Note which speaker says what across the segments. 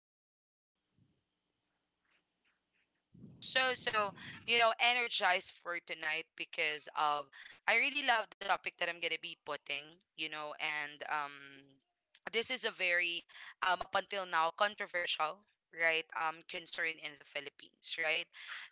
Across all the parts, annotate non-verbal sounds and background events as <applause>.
Speaker 1: to our podcast for today. And you know what? I am so, so, energized for tonight because of I really love the topic that I'm going to be putting, and this is a very, up until now, controversial, right, concern in the Philippines right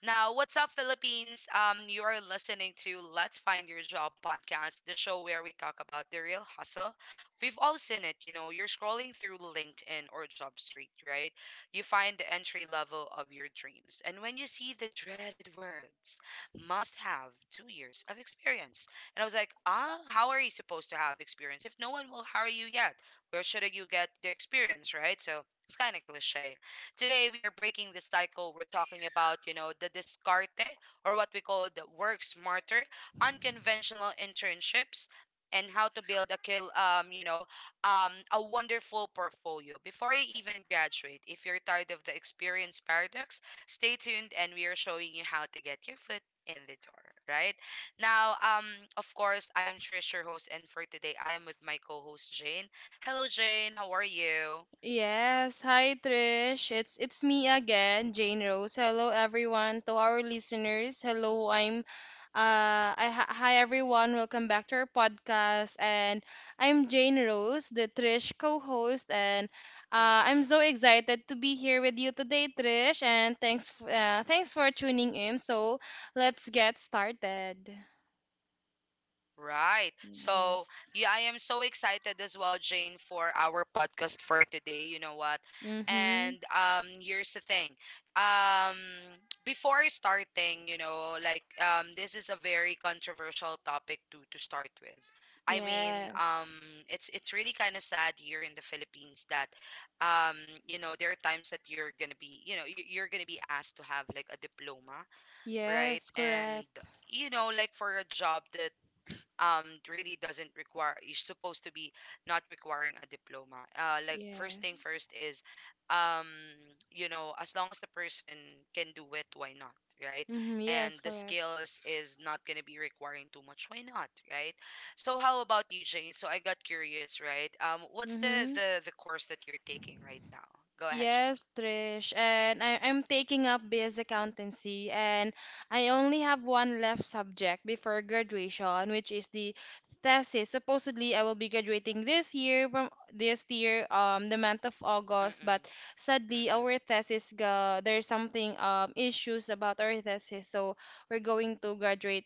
Speaker 1: now. What's up, Philippines? You are listening to Let's Find Your Job Podcast, the show where we talk about the real hustle. We've all seen it, you're scrolling through LinkedIn or JobStreet, right? You find the entry level of your dreams. And when you see the dreaded words, must have 2 years of experience. And I was like, ah, how are you supposed to have experience if no one will hire you yet? Where should you get the experience, right? So it's kind of cliche. Today, we are breaking this cycle. We're talking about, the discarte, or what we call the work smarter, unconventional internships, and how to build a kill a wonderful portfolio before you even graduate. If you're tired of the experience paradox, stay tuned, and we are showing you how to get your foot in the door right now. Of course, I am Trish, your host, and for today I am with my co-host, Jane. Hello, Jane, how are you?
Speaker 2: Yes, hi Trish. It's me again, Jane Rose. Hello everyone. To our listeners, hello. I'm I, hi hi, everyone. Welcome back to our podcast, and I'm Jane Rose, the Trish co-host, and I'm
Speaker 1: Mm-mm.
Speaker 2: so excited to be here with you today, Trish, and thanks thanks for tuning in. So, let's get started.
Speaker 1: Right. So,
Speaker 2: Yes.
Speaker 1: yeah, I am so excited as well, Jane, for our podcast for today. You know what?
Speaker 2: Mhm.
Speaker 1: And here's the thing. Um before starting, like, this is a very controversial topic to start with. I mean,
Speaker 2: Yes.
Speaker 1: it's really kind of sad here in the Philippines that um you know, there are times that you're going to be, you're going to be asked to have like a diploma, right?
Speaker 2: Yes,
Speaker 1: And
Speaker 2: correct.
Speaker 1: like, for a job that really doesn't require, you're supposed to be not requiring a diploma. Uh, like first thing
Speaker 2: Yes.
Speaker 1: first is um as long as the person can do it, why not, right?
Speaker 2: Mm-hmm.
Speaker 1: And
Speaker 2: Yes,
Speaker 1: the
Speaker 2: correct.
Speaker 1: skills is not going to be requiring too much, why not, right? So how about you, Jane? So I got curious, right? What's the
Speaker 2: Mm-hmm.
Speaker 1: course that you're taking right now? Go ahead, Jane.
Speaker 2: Yes, Trish. I'm taking up BS accountancy, and I only have one left subject before graduation, which is the thesis. Supposedly I will be graduating this year, the month of August,
Speaker 1: Mm-mm.
Speaker 2: but sadly
Speaker 1: Mm-mm.
Speaker 2: our thesis, there's something issues about our thesis, so we're going to graduate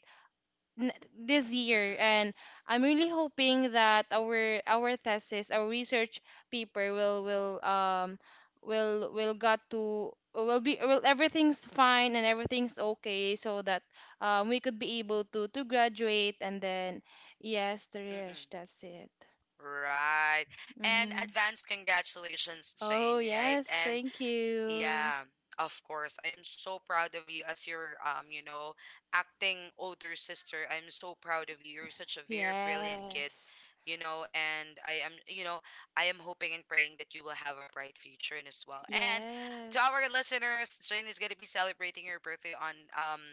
Speaker 2: this year.
Speaker 1: Mm-mm.
Speaker 2: And I'm really hoping that our thesis, our research paper, will got to will be will everything's fine and everything's okay, so that we could be able to graduate. And then yes, Trish,
Speaker 1: Mm-mm.
Speaker 2: that's it.
Speaker 1: Right. And
Speaker 2: Mm-hmm.
Speaker 1: advance congratulations,
Speaker 2: Oh
Speaker 1: Jane, right?
Speaker 2: yes,
Speaker 1: And
Speaker 2: thank you.
Speaker 1: yeah, of course. I am so proud of you as your acting older sister. I'm so proud of you. You're such a very brilliant kid,
Speaker 2: Yes.
Speaker 1: and I am, I am hoping and praying that you will have a bright future in as well. And to our
Speaker 2: Yes.
Speaker 1: listeners, Jane is gonna be celebrating her birthday on um,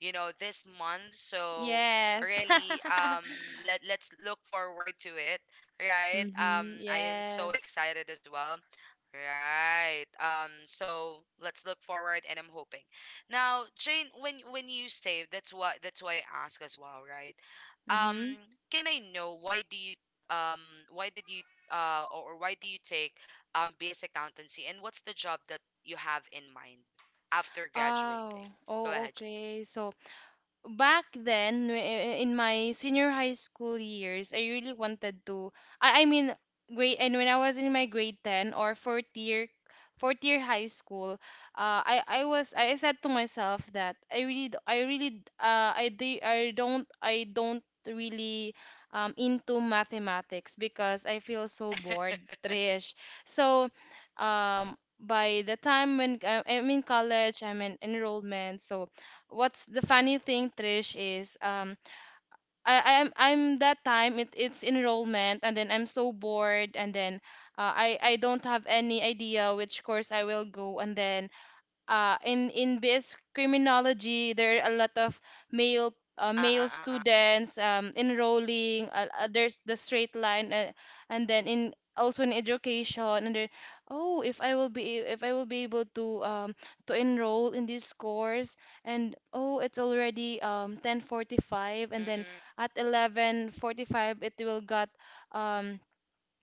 Speaker 1: you know, this month. So
Speaker 2: Yes.
Speaker 1: really,
Speaker 2: <laughs>
Speaker 1: let's look forward to it, right?
Speaker 2: Mm-hmm.
Speaker 1: I am so
Speaker 2: Yes.
Speaker 1: excited as well. Right. So let's look forward, and I'm hoping. Now, Jane, when you say that's why I ask as well, right? Um,
Speaker 2: Mm-hmm.
Speaker 1: can I know, why do you um why did you or why do you take BS accountancy, and what's the job that you have in mind after graduating?
Speaker 2: Oh,
Speaker 1: Go
Speaker 2: oh,
Speaker 1: ahead.
Speaker 2: okay. So back then, in my senior high school years, I really wanted to I mean, grade. And when I was in my grade 10, or fourth year, fourth year high school, I was I said to myself that I really d- I really d- I de- I don't I don't really into mathematics because I feel so bored,
Speaker 1: <laughs>
Speaker 2: Trish. So by the time when I'm in college, I'm in enrollment. So what's the funny thing, Trish, is I'm that time, it's enrollment, and then I'm so bored. And then I don't have any idea which course I will go. And then in this criminology there are a lot of
Speaker 1: Uh,
Speaker 2: male
Speaker 1: uh, uh, uh.
Speaker 2: students enrolling. There's the straight line, and then in also in education. And then, oh, if I will be, if I will be able to enroll in this course. And oh, it's already 10:45,
Speaker 1: Mm,
Speaker 2: and then
Speaker 1: mm,
Speaker 2: at 11:45 um,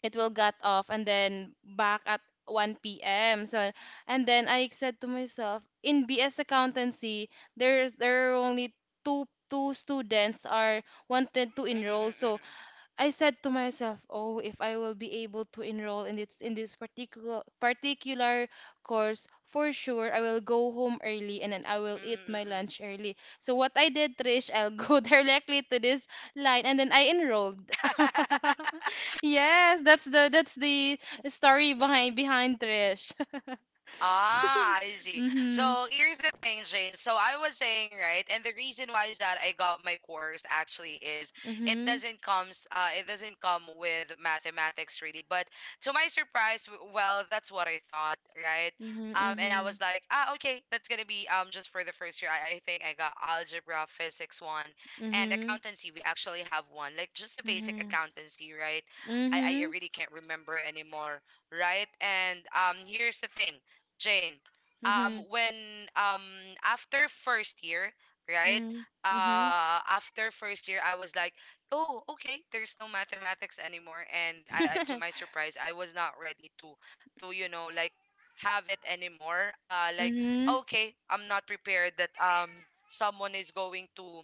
Speaker 2: it will got off, and then back at 1 p.m. So, and then I said to myself, in BS accountancy, there are only two two students are wanted to
Speaker 1: mm,
Speaker 2: enroll. So
Speaker 1: mm,
Speaker 2: I said to myself, "Oh, if I will be able to enroll in this, in this particular course, for sure I will go home early, and then I will
Speaker 1: mm,
Speaker 2: eat
Speaker 1: mm,
Speaker 2: my
Speaker 1: mm,
Speaker 2: lunch early." So what I did, Trish, I'll go <laughs> directly to this line, and then I enrolled.
Speaker 1: mm. <laughs>
Speaker 2: <laughs> Yes, that's the story behind Trish. <laughs>
Speaker 1: Ah, I see.
Speaker 2: Mhm.
Speaker 1: So here's the thing, Jane. So I was saying, right, and the reason why is that I got my course actually is
Speaker 2: Mhm.
Speaker 1: it doesn't come with mathematics really, but to my surprise, well, that's what I thought, right? And I was
Speaker 2: Mhm.
Speaker 1: like, ah, okay, that's gonna be just for the first year. I think I got algebra, physics one, and
Speaker 2: Mhm.
Speaker 1: accountancy. We actually have one, like just the basic
Speaker 2: Mhm.
Speaker 1: accountancy, right? I
Speaker 2: Mhm.
Speaker 1: really can't remember anymore, right? And here's the thing, Jane. um,
Speaker 2: Mhm.
Speaker 1: when um after first year, right?
Speaker 2: Mhm. Mhm.
Speaker 1: After first year, I was like, oh, okay, there's no mathematics anymore, and I to
Speaker 2: Mhm.
Speaker 1: my
Speaker 2: <laughs>
Speaker 1: surprise, I was not ready to, like, have it anymore. Like,
Speaker 2: Mhm.
Speaker 1: okay, I'm not prepared that someone is going to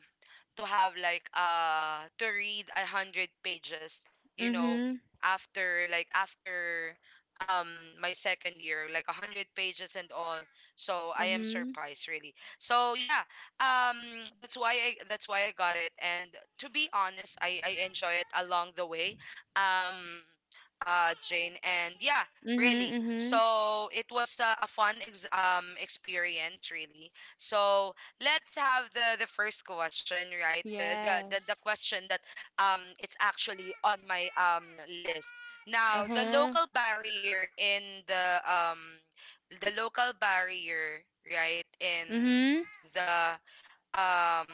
Speaker 1: have like, to read 100 pages, you know,
Speaker 2: Mhm.
Speaker 1: after, like, after um my second year, like 100 pages and all. So I am
Speaker 2: Mhm.
Speaker 1: surprised really. So yeah, um that's why I got it. And to be honest, I enjoy it along the way. Um Jane, and yeah,
Speaker 2: Mhm.
Speaker 1: really,
Speaker 2: Mhm.
Speaker 1: so it was a fun experience really. So let's have the first question, right? The
Speaker 2: Yes.
Speaker 1: question that it's actually on my list. Now, the
Speaker 2: Uh-huh.
Speaker 1: local barrier in the local barrier, right? In
Speaker 2: Mhm.
Speaker 1: the um,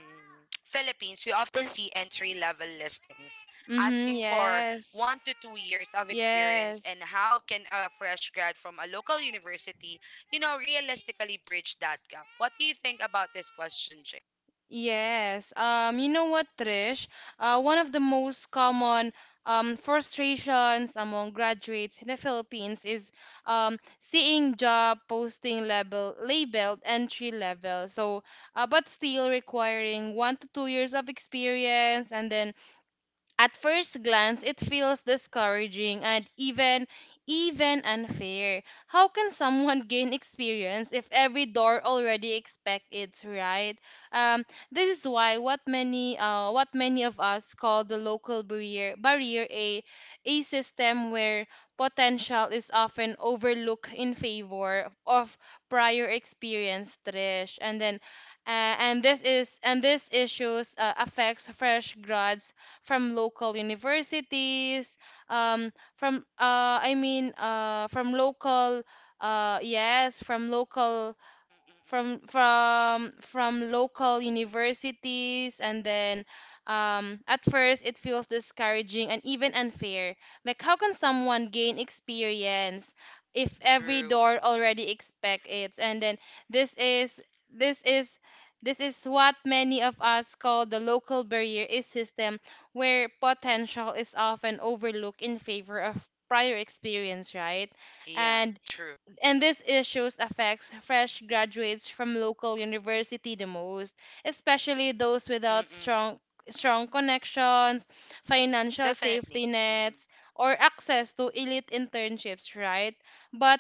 Speaker 1: Philippines, we often see entry level listings
Speaker 2: Mhm.
Speaker 1: asking for
Speaker 2: Yes.
Speaker 1: 1 to 2 years of experience, and
Speaker 2: Yes.
Speaker 1: how can a fresh grad from a local university, realistically bridge that gap? What do you think about this question, Jay?
Speaker 2: Yes.
Speaker 1: Mm-mm.
Speaker 2: You know what, Trish? One of the most common frustrations among graduates in the Philippines is seeing job posting labeled entry level. So, but still requiring 1 to 2 years of experience. And then at first glance, it feels discouraging and even unfair. How can someone <laughs> gain experience if every door already expects it, right? Um, this is why what many of us call the local barrier, a system where potential is often overlooked in favor of prior experience, Trish. And then and this is, and this issues affects fresh grads from local universities, from I mean, from local, yes, from local,
Speaker 1: Mm-mm. Mm-mm.
Speaker 2: from local universities. And then at first it feels discouraging and even unfair, like how can someone gain experience if every
Speaker 1: True.
Speaker 2: door already expect it. And then this is this is this is what many of us call the local barrier is system where potential is often overlooked in favor of prior experience, right?
Speaker 1: Yeah,
Speaker 2: And
Speaker 1: true.
Speaker 2: these issues affects fresh graduates from local university the most, especially those without
Speaker 1: Mm-mm.
Speaker 2: strong connections, financial safety
Speaker 1: Definitely. Mm-mm.
Speaker 2: nets, or access to elite internships, right? But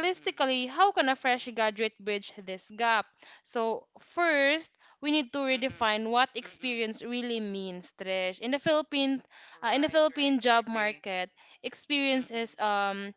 Speaker 1: Mm-mm.
Speaker 2: how can a fresh graduate bridge this gap? So, first, we need to
Speaker 1: Mm-mm.
Speaker 2: redefine what
Speaker 1: Mm-mm.
Speaker 2: experience really means, Trish. In the
Speaker 1: Right,
Speaker 2: Philippine
Speaker 1: right. I
Speaker 2: job
Speaker 1: agree.
Speaker 2: market, experience
Speaker 1: Mm-mm.
Speaker 2: is um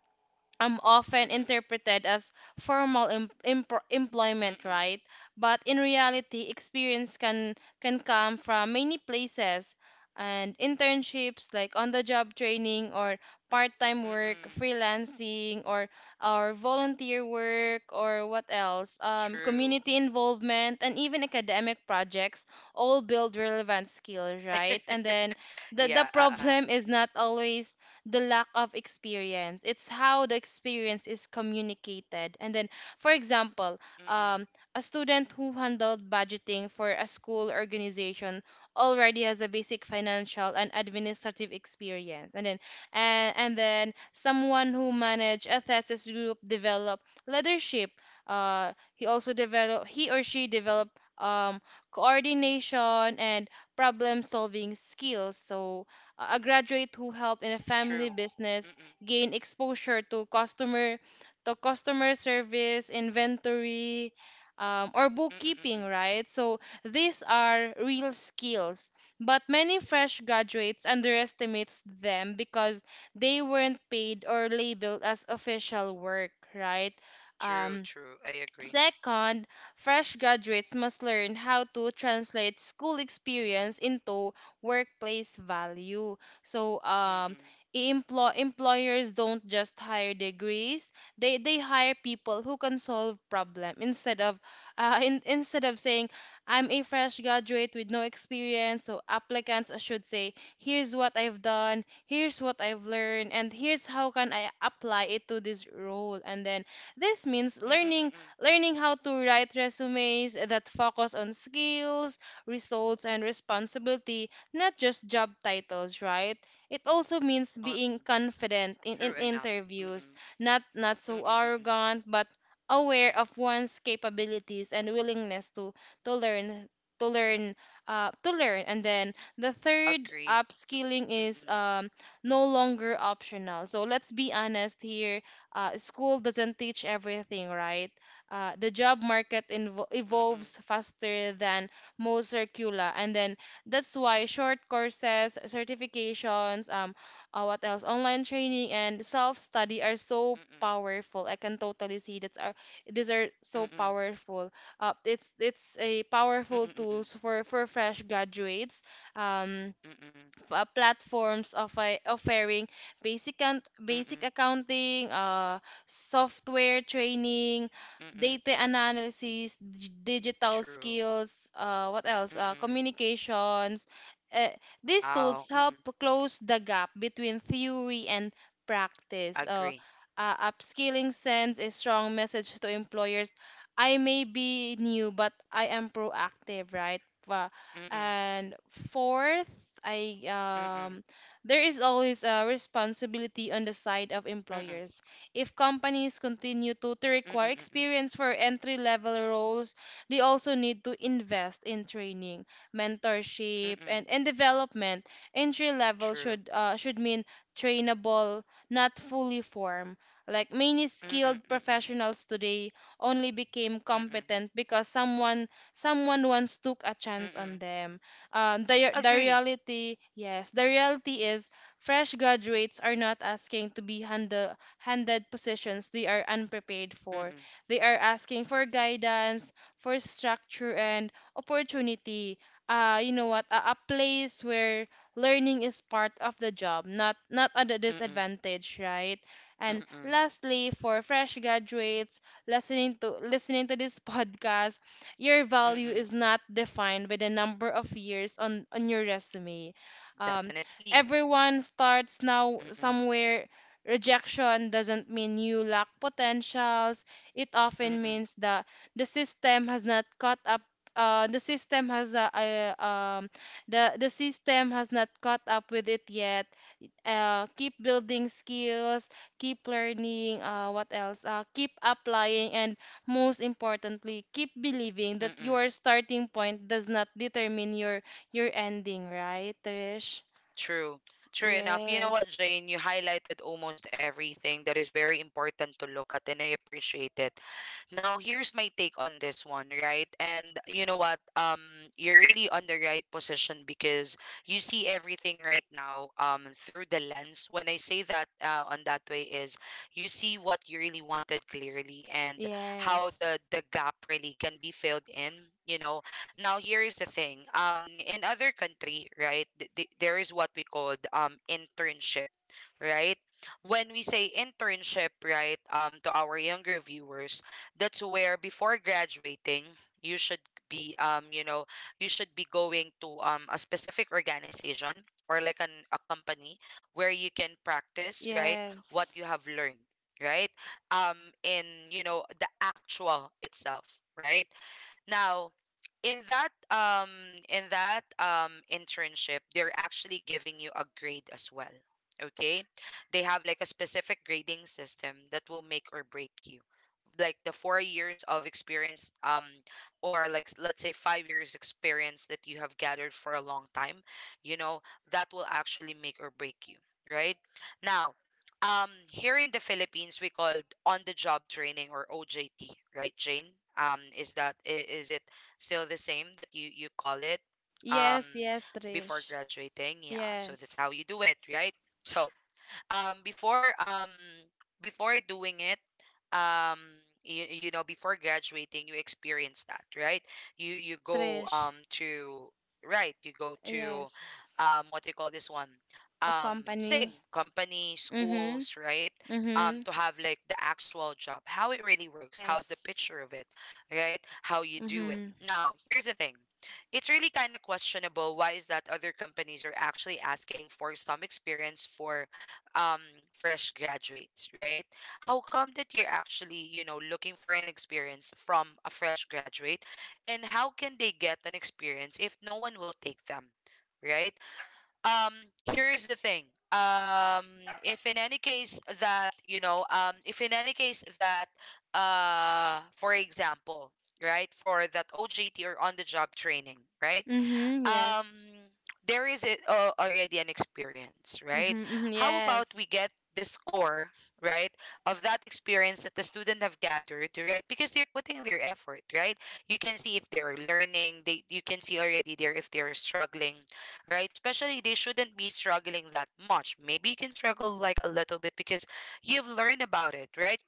Speaker 2: um, often
Speaker 1: Mm-mm.
Speaker 2: interpreted as formal employment,
Speaker 1: Mm-mm.
Speaker 2: right? But in reality, experience can come from many places, and internships, like on-the-job training or part-time work,
Speaker 1: Mm-mm.
Speaker 2: freelancing, or volunteer work, or what else?
Speaker 1: True.
Speaker 2: Community involvement and even academic projects all build relevant skills, right? And then
Speaker 1: <laughs>
Speaker 2: the
Speaker 1: Yeah,
Speaker 2: <laughs>
Speaker 1: uh-uh.
Speaker 2: problem is not always the lack of experience. It's how the experience is communicated. And then, for example,
Speaker 1: Mm-mm.
Speaker 2: um, a student who handled budgeting for a school organization already has a basic financial and administrative experience. And then, and then someone who managed a thesis group develop leadership. He or she develop um, coordination and problem solving skills. So a graduate who helped in a family
Speaker 1: True.
Speaker 2: business
Speaker 1: Mm-mm.
Speaker 2: gain exposure to customer, to customer service, inventory, or
Speaker 1: Mm-mm.
Speaker 2: bookkeeping,
Speaker 1: Mm-mm.
Speaker 2: right? So these are real skills, but many fresh graduates underestimates them because they weren't paid or labeled as official work, right?
Speaker 1: True,
Speaker 2: Um,
Speaker 1: true. I agree.
Speaker 2: Second, fresh graduates must learn how to translate school experience
Speaker 1: Mm-mm.
Speaker 2: into workplace value. So,
Speaker 1: Mm-mm.
Speaker 2: employers don't just hire degrees; they hire people who can solve problem. Instead of, <laughs> instead of saying, "I'm a fresh graduate with no experience," So applicants should say, "Here's what I've done. Here's what I've learned, and here's how can I apply it to this role." And then this means
Speaker 1: Mm-mm. Mm-mm.
Speaker 2: learning how to write resumes that focus on skills, results, and responsibility, not just job titles, right? It also means being
Speaker 1: Mm-mm.
Speaker 2: confident in,
Speaker 1: True enough.
Speaker 2: interviews,
Speaker 1: Mm-mm.
Speaker 2: not so
Speaker 1: Mm-mm. Mm-mm.
Speaker 2: arrogant, but aware of one's capabilities and willingness to to learn to learn to learn. And then the third,
Speaker 1: Agree.
Speaker 2: upskilling is
Speaker 1: Mm-mm.
Speaker 2: no
Speaker 1: Mm-mm.
Speaker 2: longer optional. So let's be honest here, school doesn't teach everything, right? The job market
Speaker 1: Mm-mm.
Speaker 2: evolves faster than most curricula. And then that's why short courses, certifications, what else, online training, and self study are so
Speaker 1: Mm-mm.
Speaker 2: powerful. I can totally see that's are, these are so
Speaker 1: Mm-mm.
Speaker 2: powerful. It's a
Speaker 1: Mm-mm.
Speaker 2: powerful
Speaker 1: Mm-mm.
Speaker 2: tools for fresh graduates. um
Speaker 1: Mm-mm.
Speaker 2: Platforms of offering basic
Speaker 1: Mm-mm.
Speaker 2: accounting, software training,
Speaker 1: Mm-mm.
Speaker 2: data analysis, digital
Speaker 1: True.
Speaker 2: skills, what else?
Speaker 1: Mm-mm.
Speaker 2: Communications. Uh, these tools
Speaker 1: Wow.
Speaker 2: help
Speaker 1: Mm-mm.
Speaker 2: close the gap between theory and practice.
Speaker 1: Agree.
Speaker 2: Upskilling sends a strong message to employers: I may be new, but I am proactive, right?
Speaker 1: Mm-mm.
Speaker 2: And fourth, I
Speaker 1: Mm-mm.
Speaker 2: there is always a responsibility on the side of
Speaker 1: Mm-mm.
Speaker 2: employers. If companies continue to,
Speaker 1: Mm-mm.
Speaker 2: require
Speaker 1: Mm-mm.
Speaker 2: experience for entry level roles, they also need to invest in training, mentorship, and,
Speaker 1: Mm-mm.
Speaker 2: development. Entry level
Speaker 1: True.
Speaker 2: should mean trainable, not fully formed. Like many
Speaker 1: Mm-mm.
Speaker 2: skilled
Speaker 1: Mm-mm.
Speaker 2: professionals today only became
Speaker 1: Mm-mm.
Speaker 2: competent because someone once took a chance on
Speaker 1: Mm-mm.
Speaker 2: them. The
Speaker 1: Agree.
Speaker 2: reality, yes, the reality is fresh graduates are not asking to be handed positions they are unprepared
Speaker 1: Mm,
Speaker 2: for.
Speaker 1: mm,
Speaker 2: They are asking for guidance, for structure, and opportunity. You know what? A, place where learning is part of the job, not at a
Speaker 1: mm,
Speaker 2: disadvantage, right? And
Speaker 1: mm,
Speaker 2: lastly, for fresh graduates listening to this <laughs> podcast, your
Speaker 1: mm,
Speaker 2: value
Speaker 1: mm.
Speaker 2: is not defined by the number of years on your resume. um,
Speaker 1: Definitely.
Speaker 2: Everyone starts now
Speaker 1: Mm, mm,
Speaker 2: somewhere. Rejection doesn't mean you lack potentials. It often
Speaker 1: mm,
Speaker 2: means that the system has not caught up. Uh, the system has not caught up with it yet. Keep building skills, keep learning, what else keep applying, and most importantly, keep believing that
Speaker 1: mm.
Speaker 2: your starting point does not determine your ending, right, Trish?
Speaker 1: True. True enough. You know what,
Speaker 2: Yes.
Speaker 1: Jane? You highlighted almost everything that is very important to look at, and I appreciate it. Now, here's my take on this one, right? And you know what? You're really on the right position, because you see everything right now, through the lens. When I say that, on that way is you see what you really wanted clearly, and how
Speaker 2: Yes.
Speaker 1: the gap really can be filled in. You know, now, here is the thing. In other country, right, there is what we called internship, right? When we say internship, right, to our younger viewers, that's where before graduating, you should be um, you know, you should be going to a specific organization, or like an a company where you can practice, right, what
Speaker 2: Yes.
Speaker 1: you have learned, right? Um, in the actual itself, right? Now, in that internship, they're actually giving you a grade as well. Okay? They have like a specific grading system that will make or break you. Like the 4 years of experience, or like, let's say, 5 years experience that you have gathered for a long time, you know, that will actually make or break you, right? Now, here in the Philippines, we called on-the-job training, or OJT, right, Jane? Is that, is it still the same that you call it? Um,
Speaker 2: Yes. Yes,
Speaker 1: before
Speaker 2: Trish.
Speaker 1: graduating, yeah. So that's
Speaker 2: Yes.
Speaker 1: how you do it, right? <laughs> So um before um before doing it, um you, you know before graduating, you experience that, right? You
Speaker 2: Yes,
Speaker 1: go,
Speaker 2: Trish.
Speaker 1: to, right, you go to,
Speaker 2: Yes.
Speaker 1: what do you call this one,
Speaker 2: A
Speaker 1: um
Speaker 2: company.
Speaker 1: same company
Speaker 2: Mhm.
Speaker 1: schools, right?
Speaker 2: Mhm.
Speaker 1: To have like the actual job, how it really works, how's the
Speaker 2: Yes.
Speaker 1: picture of it, right? How you do it.
Speaker 2: Mhm.
Speaker 1: Now, here's the thing. It's really kind of questionable why is that other companies are actually asking for some experience for um fresh graduates, right? How come that you're actually, looking for an experience from a fresh graduate, and how can they get an experience if no one will take them? Right? um here's the thing. Um if in any case that if in any case that for example, right, for that OJT, or on the job training, right,
Speaker 2: Mhm. Yes.
Speaker 1: um there is a, already an experience, right?
Speaker 2: Mhm. Mhm.
Speaker 1: How about we
Speaker 2: Yes.
Speaker 1: get the score, right, of that experience that the student have gathered, right? Because they're putting their effort, right? You can see if they're learning, they you can see already there if they're struggling, right? Especially, they shouldn't be struggling that much. Maybe you can struggle like a little bit because you've learned about it, right?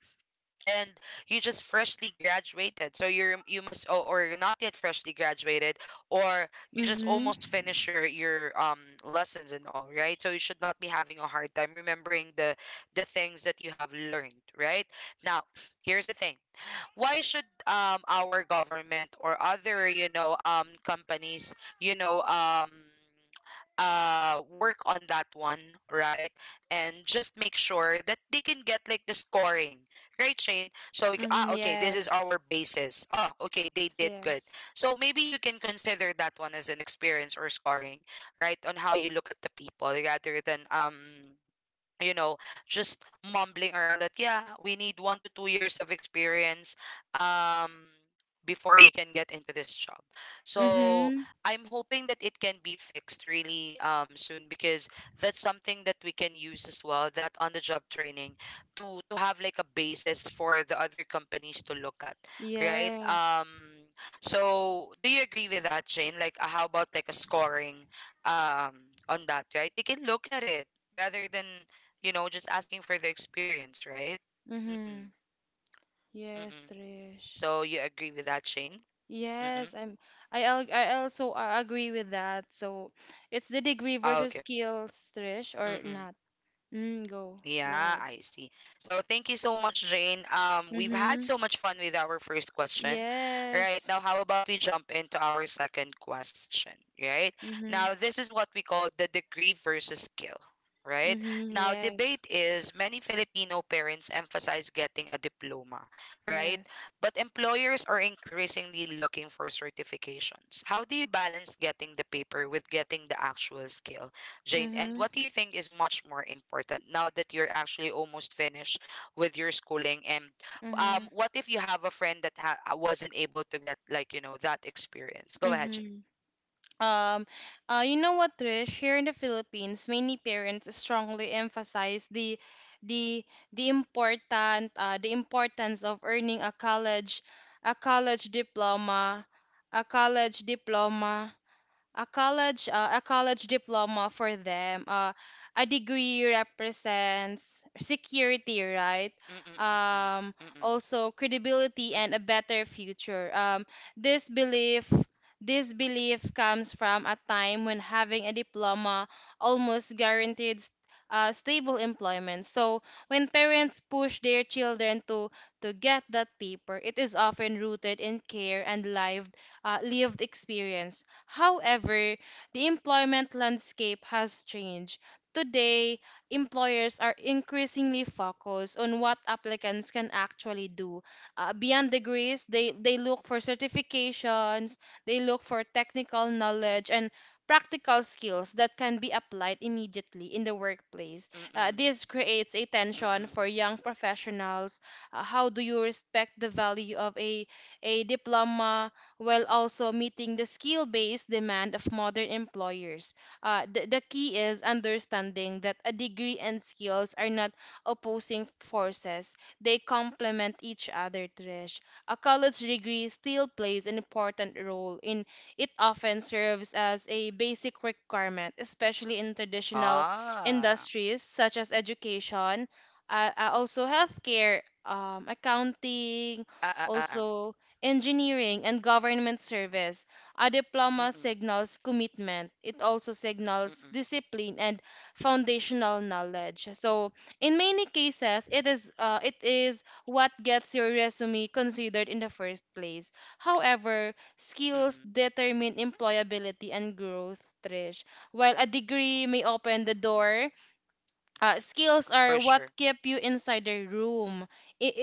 Speaker 1: And you just freshly graduated, so you must or, you're not yet freshly graduated, or you just
Speaker 2: Mhm.
Speaker 1: almost finished your lessons and all, right? So you should not be having a hard time remembering the things that you have learned, right? Now, here's the thing, why should our government or other companies you know um work on that one, right, and just make sure that they can get like the scoring, right, Shane, so we c-
Speaker 2: Mhm.
Speaker 1: ah okay, this
Speaker 2: Yes.
Speaker 1: is our basis. Ah, okay, they
Speaker 2: Yes.
Speaker 1: did good.
Speaker 2: Yes.
Speaker 1: So maybe you can consider that one as an experience or scoring, right, on how you look at the people rather than you know, just mumbling around that, yeah, we need 1 to 2 years of experience um, before you can get into this job. So
Speaker 2: Mhm.
Speaker 1: I'm hoping that it can be fixed really soon because that's something that we can use as well, that on the job training to have like a basis for the other companies to look at, right?
Speaker 2: Yes.
Speaker 1: So do you agree with that, Jane? Like, how about like a scoring um, on that, right? They can look at it rather than just asking for the experience, right? Mm-mm.
Speaker 2: Mm-hmm. Yes,
Speaker 1: Mm-mm.
Speaker 2: Trish.
Speaker 1: So you agree with that, Shane? Mm-mm.
Speaker 2: Yes, I'm, I also agree with that. So it's the degree
Speaker 1: Ah,
Speaker 2: versus
Speaker 1: okay.
Speaker 2: skills, Trish, or
Speaker 1: Mm-mm.
Speaker 2: not. Mm, go. Go
Speaker 1: Yeah,
Speaker 2: ahead.
Speaker 1: I see. So thank you so much, Jane. We've had
Speaker 2: Mm-hmm.
Speaker 1: so much fun with our first question. Right
Speaker 2: Yes.
Speaker 1: now, how about we jump into our second question? Right
Speaker 2: Mm-hmm.
Speaker 1: now, this is what we call the degree versus skill. Right
Speaker 2: Mm-hmm.
Speaker 1: now,
Speaker 2: Yes.
Speaker 1: debate is many Filipino parents emphasize getting a diploma, right?
Speaker 2: Yes.
Speaker 1: But employers are increasingly looking for certifications. How do you balance getting the paper with getting the actual skill? Jane, and
Speaker 2: Mm-hmm.
Speaker 1: what do you think is much more important now that you're actually almost finished with your schooling? And
Speaker 2: Mm-hmm.
Speaker 1: what if you have a friend that wasn't able to get like, you know, that experience? Go ahead, Jane.
Speaker 2: Mm-hmm. Um, you know what, Trish? Here in the Philippines, many parents strongly emphasize the the important the importance of earning a college diploma. A college diploma a college diploma For them, a degree represents security, right?
Speaker 1: Mm-mm,
Speaker 2: um,
Speaker 1: mm-mm,
Speaker 2: Also credibility and
Speaker 1: mm-mm,
Speaker 2: a better future. This belief, comes from a time when having a diploma almost guaranteed stable employment. So when parents push their children to, get that paper, it is often rooted in care and lived, lived experience. However, the employment landscape has changed. Today, employers are increasingly focused on what applicants can actually do. Beyond degrees, they look for certifications, they look for technical knowledge, and practical skills that can be applied immediately in the workplace.
Speaker 1: mm-mm, mm-mm,
Speaker 2: This creates a tension
Speaker 1: mm-mm.
Speaker 2: for young professionals. How do you respect the value of a diploma while also meeting the skill based demand of modern employers? The key is understanding that a degree and skills are not opposing forces, they complement each other, Trish. A college degree still plays an important role in, it often serves as a basic requirement, especially in traditional
Speaker 1: Ah,
Speaker 2: industries such as education, also healthcare, accounting,
Speaker 1: ah, ah, ah, ah.
Speaker 2: also engineering, and government service. A diploma
Speaker 1: Mm-mm,
Speaker 2: signals commitment. It also signals
Speaker 1: mm-mm,
Speaker 2: discipline and foundational knowledge. So, in many cases, it is what gets your resume considered in the first place. However, skills
Speaker 1: mm-mm.
Speaker 2: determine employability and growth, Trish. While a degree may open the door, skills are
Speaker 1: For
Speaker 2: what
Speaker 1: sure.
Speaker 2: keep you inside the room.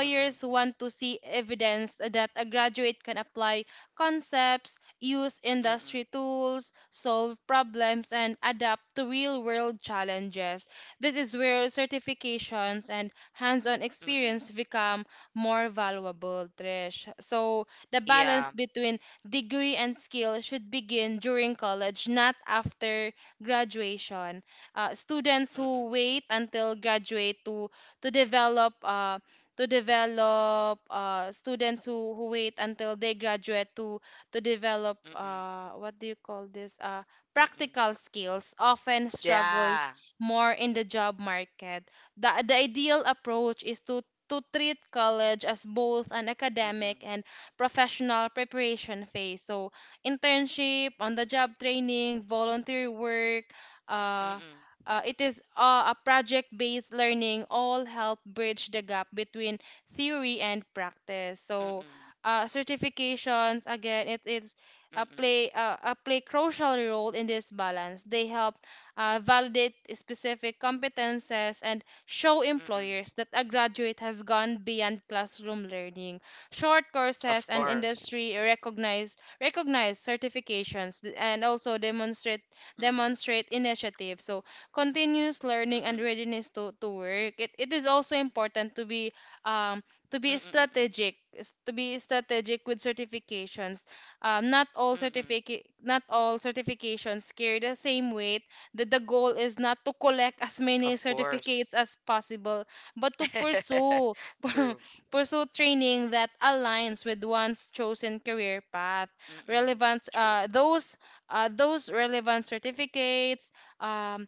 Speaker 1: Mm-mm,
Speaker 2: want to see evidence that a graduate can apply concepts, use
Speaker 1: mm-mm,
Speaker 2: industry tools, solve problems, and adapt to real world challenges. This is where certifications and hands on
Speaker 1: mm-mm.
Speaker 2: experience become more valuable, Trish. So, the balance
Speaker 1: Yeah.
Speaker 2: between degree and skill should begin during college, not after graduation. Students who
Speaker 1: Mm-mm,
Speaker 2: wait until graduate to develop students who wait until they graduate to develop
Speaker 1: mm-mm,
Speaker 2: what do you call this,
Speaker 1: mm-mm.
Speaker 2: practical skills often struggles
Speaker 1: Yeah.
Speaker 2: more in the job market. The ideal approach is to treat college as both an academic
Speaker 1: Mm-mm,
Speaker 2: and professional preparation phase. So internship, on the job training, volunteer work, uh,
Speaker 1: mm-mm,
Speaker 2: it is a project-based learning all help bridge the gap between theory and practice. So
Speaker 1: mm-mm,
Speaker 2: certifications again, it is
Speaker 1: mm-mm,
Speaker 2: a play crucial role in this balance. They help validate specific competences and show
Speaker 1: mm-mm.
Speaker 2: employers that a graduate has gone beyond classroom learning. Short courses
Speaker 1: Of
Speaker 2: and
Speaker 1: course.
Speaker 2: industry recognize certifications and also demonstrate
Speaker 1: Mm-mm.
Speaker 2: demonstrate initiatives. So continuous learning and
Speaker 1: Mm-mm.
Speaker 2: readiness to work, it is also important to be um to be
Speaker 1: Mm-mm. Mm-mm.
Speaker 2: strategic s- to be strategic with certifications. um, not all
Speaker 1: Mm-mm.
Speaker 2: certificate not all certifications carry the same weight. That the goal is not to collect as many
Speaker 1: Of
Speaker 2: certificates
Speaker 1: course.
Speaker 2: as possible, but to
Speaker 1: <laughs>
Speaker 2: pursue <laughs>
Speaker 1: True.
Speaker 2: pursue training that aligns with one's chosen career path.
Speaker 1: Mm-mm.
Speaker 2: relevant
Speaker 1: True.
Speaker 2: uh, those uh, those relevant certificates um,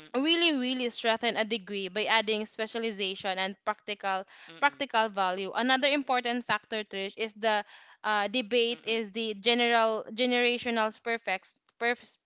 Speaker 1: Mm-mm.
Speaker 2: really strengthen a degree by adding specialization and practical
Speaker 1: Mm-mm.
Speaker 2: practical value. Another important factor, Trish, is the debate,
Speaker 1: Mm-mm.
Speaker 2: is the general generational perfect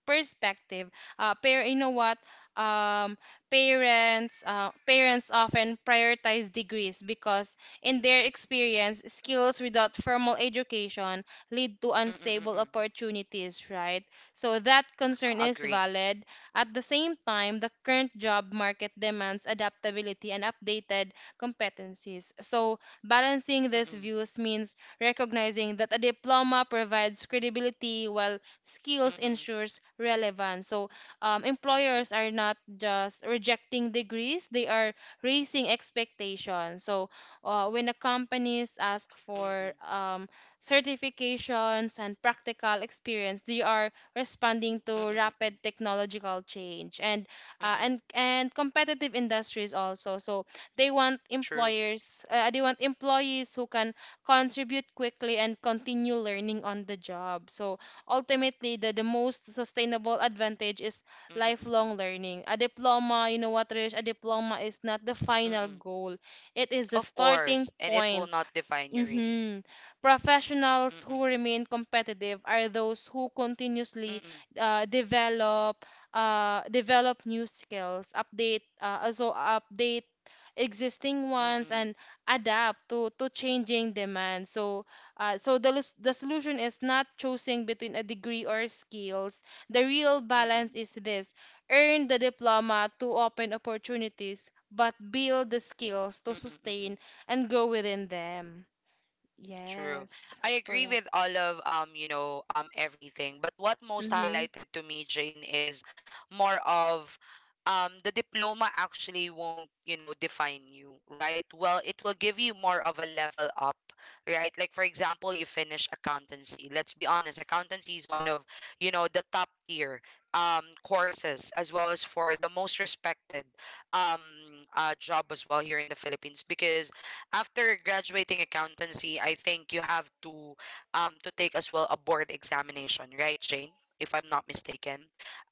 Speaker 2: perspective. Pair You know what? um Parents parents often prioritize degrees because in their experience, skills without formal education lead to
Speaker 1: Mm-mm.
Speaker 2: unstable
Speaker 1: Mm-mm.
Speaker 2: opportunities, right? So that concern is
Speaker 1: Agree.
Speaker 2: valid. At the same time, the current job market demands adaptability and updated competencies. So, balancing these
Speaker 1: Mm-mm.
Speaker 2: views means recognizing that a diploma provides credibility while skills
Speaker 1: Mm-mm.
Speaker 2: ensures relevance. So,
Speaker 1: Mm-mm.
Speaker 2: employers are not just rejecting degrees, they are raising expectations. So, when the companies ask for
Speaker 1: Mm-mm.
Speaker 2: certifications and practical experience, they are responding
Speaker 1: Mm-mm.
Speaker 2: to
Speaker 1: Mm-mm.
Speaker 2: rapid technological change and uh,
Speaker 1: Mm-mm.
Speaker 2: and and competitive industries also. So they want
Speaker 1: True.
Speaker 2: employees who can contribute quickly and continue learning on the job. So ultimately, the most sustainable advantage is
Speaker 1: Mm-mm. Mm-mm.
Speaker 2: lifelong learning. A diploma, you know what, Rish? A diploma is not the final
Speaker 1: Mm-mm.
Speaker 2: goal. It is the
Speaker 1: Of
Speaker 2: starting
Speaker 1: course. And it will
Speaker 2: point.
Speaker 1: not define you really.
Speaker 2: Mm-hmm. Professionals who
Speaker 1: Mm-mm.
Speaker 2: remain competitive are those who continuously
Speaker 1: Mm-mm.
Speaker 2: uh, develop develop new skills, update also update existing ones
Speaker 1: Mm-mm.
Speaker 2: and adapt to changing demands. So the solution is not choosing between a degree or skills. The real
Speaker 1: Mm-mm. Mm-mm.
Speaker 2: balance is this: earn the diploma to open opportunities, but build the skills to sustain
Speaker 1: Mm-mm.
Speaker 2: and grow within them.
Speaker 1: True.
Speaker 2: Yes,
Speaker 1: I agree
Speaker 2: correct.
Speaker 1: with all of everything. But what most
Speaker 2: Mm-hmm.
Speaker 1: highlighted to me, Jane, is more of the diploma actually won't, you know, define you, right? Well, it will give you more of a level up, right? Like for example, you finish accountancy. Let's be honest, accountancy is one of, you know, the top tier courses as well as for the most respected um job as well here in the Philippines because after graduating accountancy, I think you have to take as well a board examination, right, Jane? If I'm not mistaken,